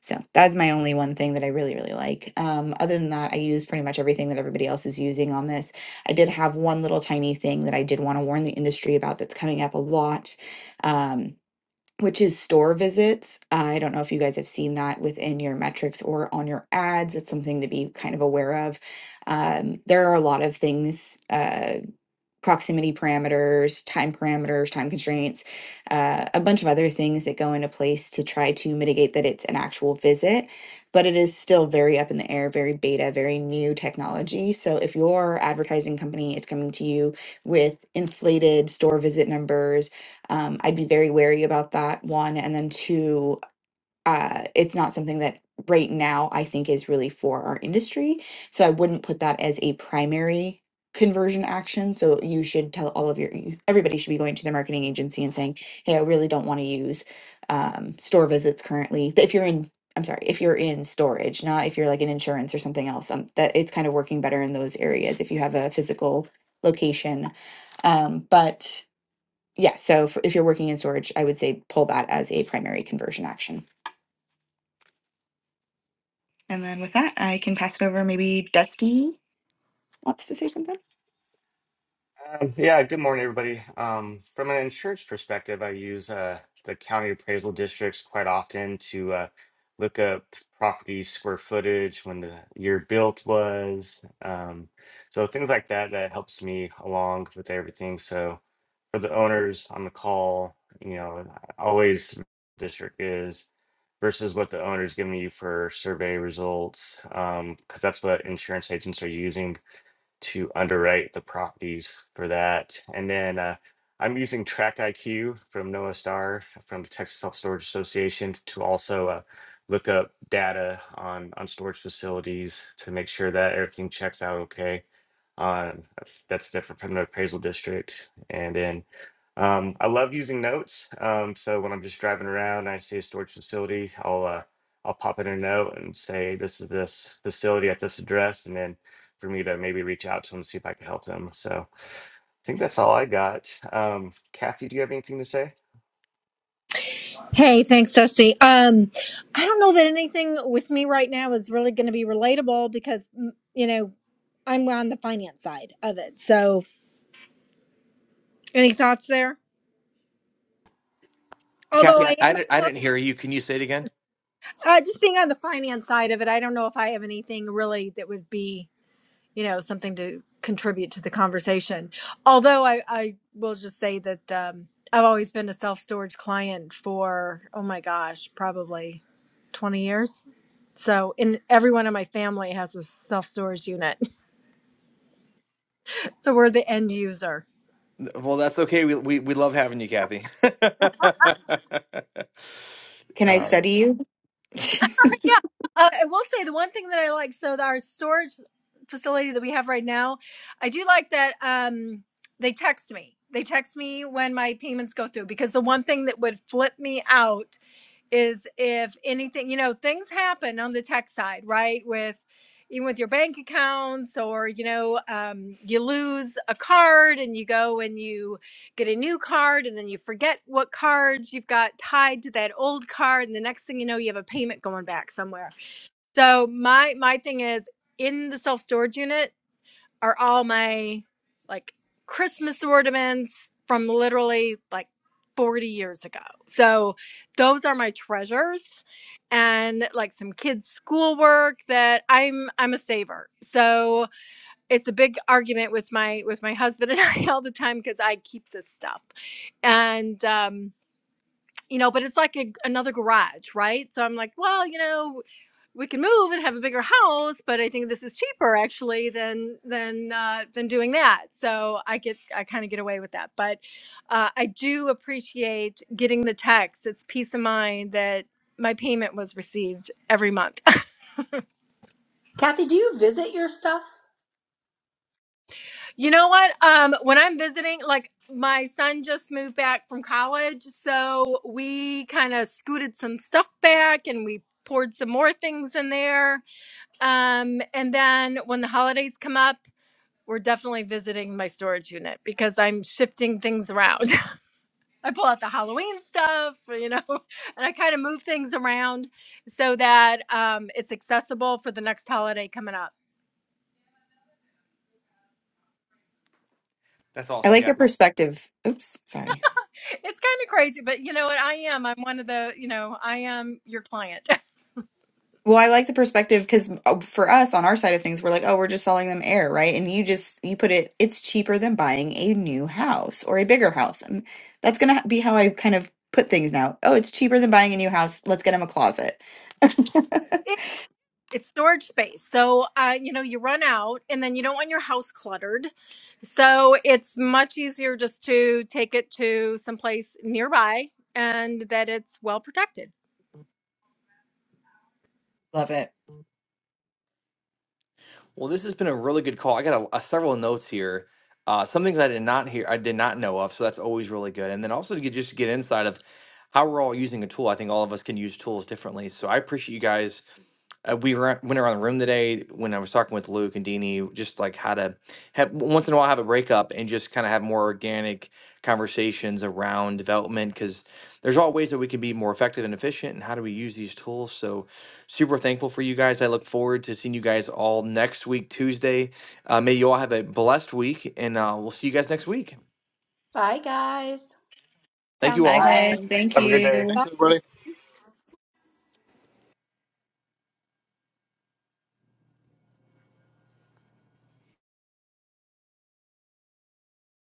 Speaker 7: So that's my only one thing that I really really like. Um, other than that, I use pretty much everything that everybody else is using on this. I did have one little tiny thing that I did want to warn the industry about that's coming up a lot. Um, which is store visits. I don't know if you guys have seen that within your metrics or on your ads. It's something to be kind of aware of. Um, there are a lot of things. Uh, proximity parameters, time parameters, time constraints, uh, a bunch of other things that go into place to try to mitigate that it's an actual visit. But it is still very up in the air, very beta, very new technology. So if your advertising company is coming to you with inflated store visit numbers, um, I'd be very wary about that, one. And then two, uh, it's not something that right now I think is really for our industry. So I wouldn't put that as a primary conversion action. So you should tell all of your, you- everybody should be going to their marketing agency and saying, hey, I really don't want to use um, store visits currently. If you're in, I'm sorry, if you're in storage, not if you're like an insurance or something else, um, that it's kind of working better in those areas if you have a physical location. Um, but yeah, so for, if you're working in storage, I would say pull that as a primary conversion action. And then with that, I can pass it over. Maybe Dusty wants to say something.
Speaker 8: Um, yeah, good morning, everybody. Um, from an insurance perspective, I use uh, the county appraisal districts quite often to uh, look up property square footage, when the year built was. Um, so things like that, that helps me along with everything. So for the owners on the call, you know, always district is versus what the owner's giving you for survey results, because that's what insurance agents are using to underwrite the properties for that. And then uh, I'm using Tract IQ from Noah Star from the Texas Self Storage Association to also uh, look up data on on storage facilities to make sure that everything checks out okay. Um, that's different from the appraisal district. And then um, I love using notes. Um, so when I'm just driving around and I see a storage facility, I'll uh, I'll pop in a note and say this is this facility at this address, and then for me to maybe reach out to him, see if I could help them. So I think that's all I got. Um, Kathy, do you have anything to say?
Speaker 9: Hey, thanks, Dusty. Um, I don't know that anything with me right now is really going to be relatable because mm, you know I'm on the finance side of it. So any thoughts there? Although
Speaker 1: Kathy, I,
Speaker 9: I
Speaker 1: I,
Speaker 9: am
Speaker 1: didn't, I didn't hear you. Can you say it again?
Speaker 9: uh, just being on the finance side of it, I don't know if I have anything really that would be you know something to contribute to the conversation although i i will just say that um i've always been a self-storage client for oh my gosh probably 20 years so in everyone in my family has a self-storage unit so we're the end user
Speaker 1: Well, that's okay. We we, we love having you, Kathy.
Speaker 7: Can I
Speaker 1: um,
Speaker 7: study you?
Speaker 9: yeah uh, i will say the one thing that i like so our storage facility that we have right now i do like that um they text me they text me when my payments go through because the one thing that would flip me out is if anything, you know, things happen on the tech side, right? With even with your bank accounts, or you know, um, you lose a card and you go and you get a new card, and then you forget what cards you've got tied to that old card, and the next thing you know, you have a payment going back somewhere. So my my thing is in the self storage unit are all my like Christmas ornaments from literally like 40 years ago. So those are my treasures and like some kids schoolwork that I'm I'm a saver. So it's a big argument with my with my husband and I all the time cuz I keep this stuff. And um you know, but it's like a, another garage, right? So I'm like, well, you know, we can move and have a bigger house, but I think this is cheaper actually than than uh, than doing that. So I get I kind of get away with that, but uh, I do appreciate getting the text. It's peace of mind that my payment was received every month. you know what? Um, when I'm visiting, like my son just moved back from college, so we kind of scooted some stuff back and we poured some more things in there Um, and then when the holidays come up, we're definitely visiting my storage unit because I'm shifting things around. I pull out the Halloween stuff, you know, and I kind of move things around so that um, it's accessible for the next holiday coming up.
Speaker 1: that's
Speaker 7: I
Speaker 1: awesome,
Speaker 7: like your
Speaker 1: Kathy.
Speaker 7: perspective. Oops, sorry.
Speaker 9: It's kind of crazy, but you know what? I am. I'm one of the, you know, I am your client.
Speaker 7: Well, I like the perspective because for us on our side of things, we're like, oh, we're just selling them air, right? And you just you put it, it's cheaper than buying a new house or a bigger house, and that's gonna be how I kind of put things now. Oh, it's cheaper than buying a new house. Let's get him a closet.
Speaker 9: it's storage space. So, uh, you know, you run out and then you don't want your house cluttered. So, it's much easier just to take it to someplace nearby and that it's well protected.
Speaker 7: Love it.
Speaker 1: Well, this has been a really good call. I got a, a several notes here. Uh, some things I did not hear, I did not know of, so that's always really good. And then also to get, just to get insight of how we're all using a tool. I think all of us can use tools differently. So I appreciate you guys uh, we were, went around the room today when I was talking with Luke and Dini, just like how to have once in a while have a breakup and just kind of have more organic conversations around development because there's all ways that we can be more effective and efficient and how do we use these tools. So super thankful for you guys. I look forward to seeing you guys all next week, Tuesday. Uh, may you all have a blessed week and uh, we'll see you guys next week.
Speaker 5: Bye guys.
Speaker 1: Thank you
Speaker 9: Sounds
Speaker 7: Bye,
Speaker 1: all.
Speaker 4: I
Speaker 7: guys. Thank
Speaker 8: Have a good day.
Speaker 7: you.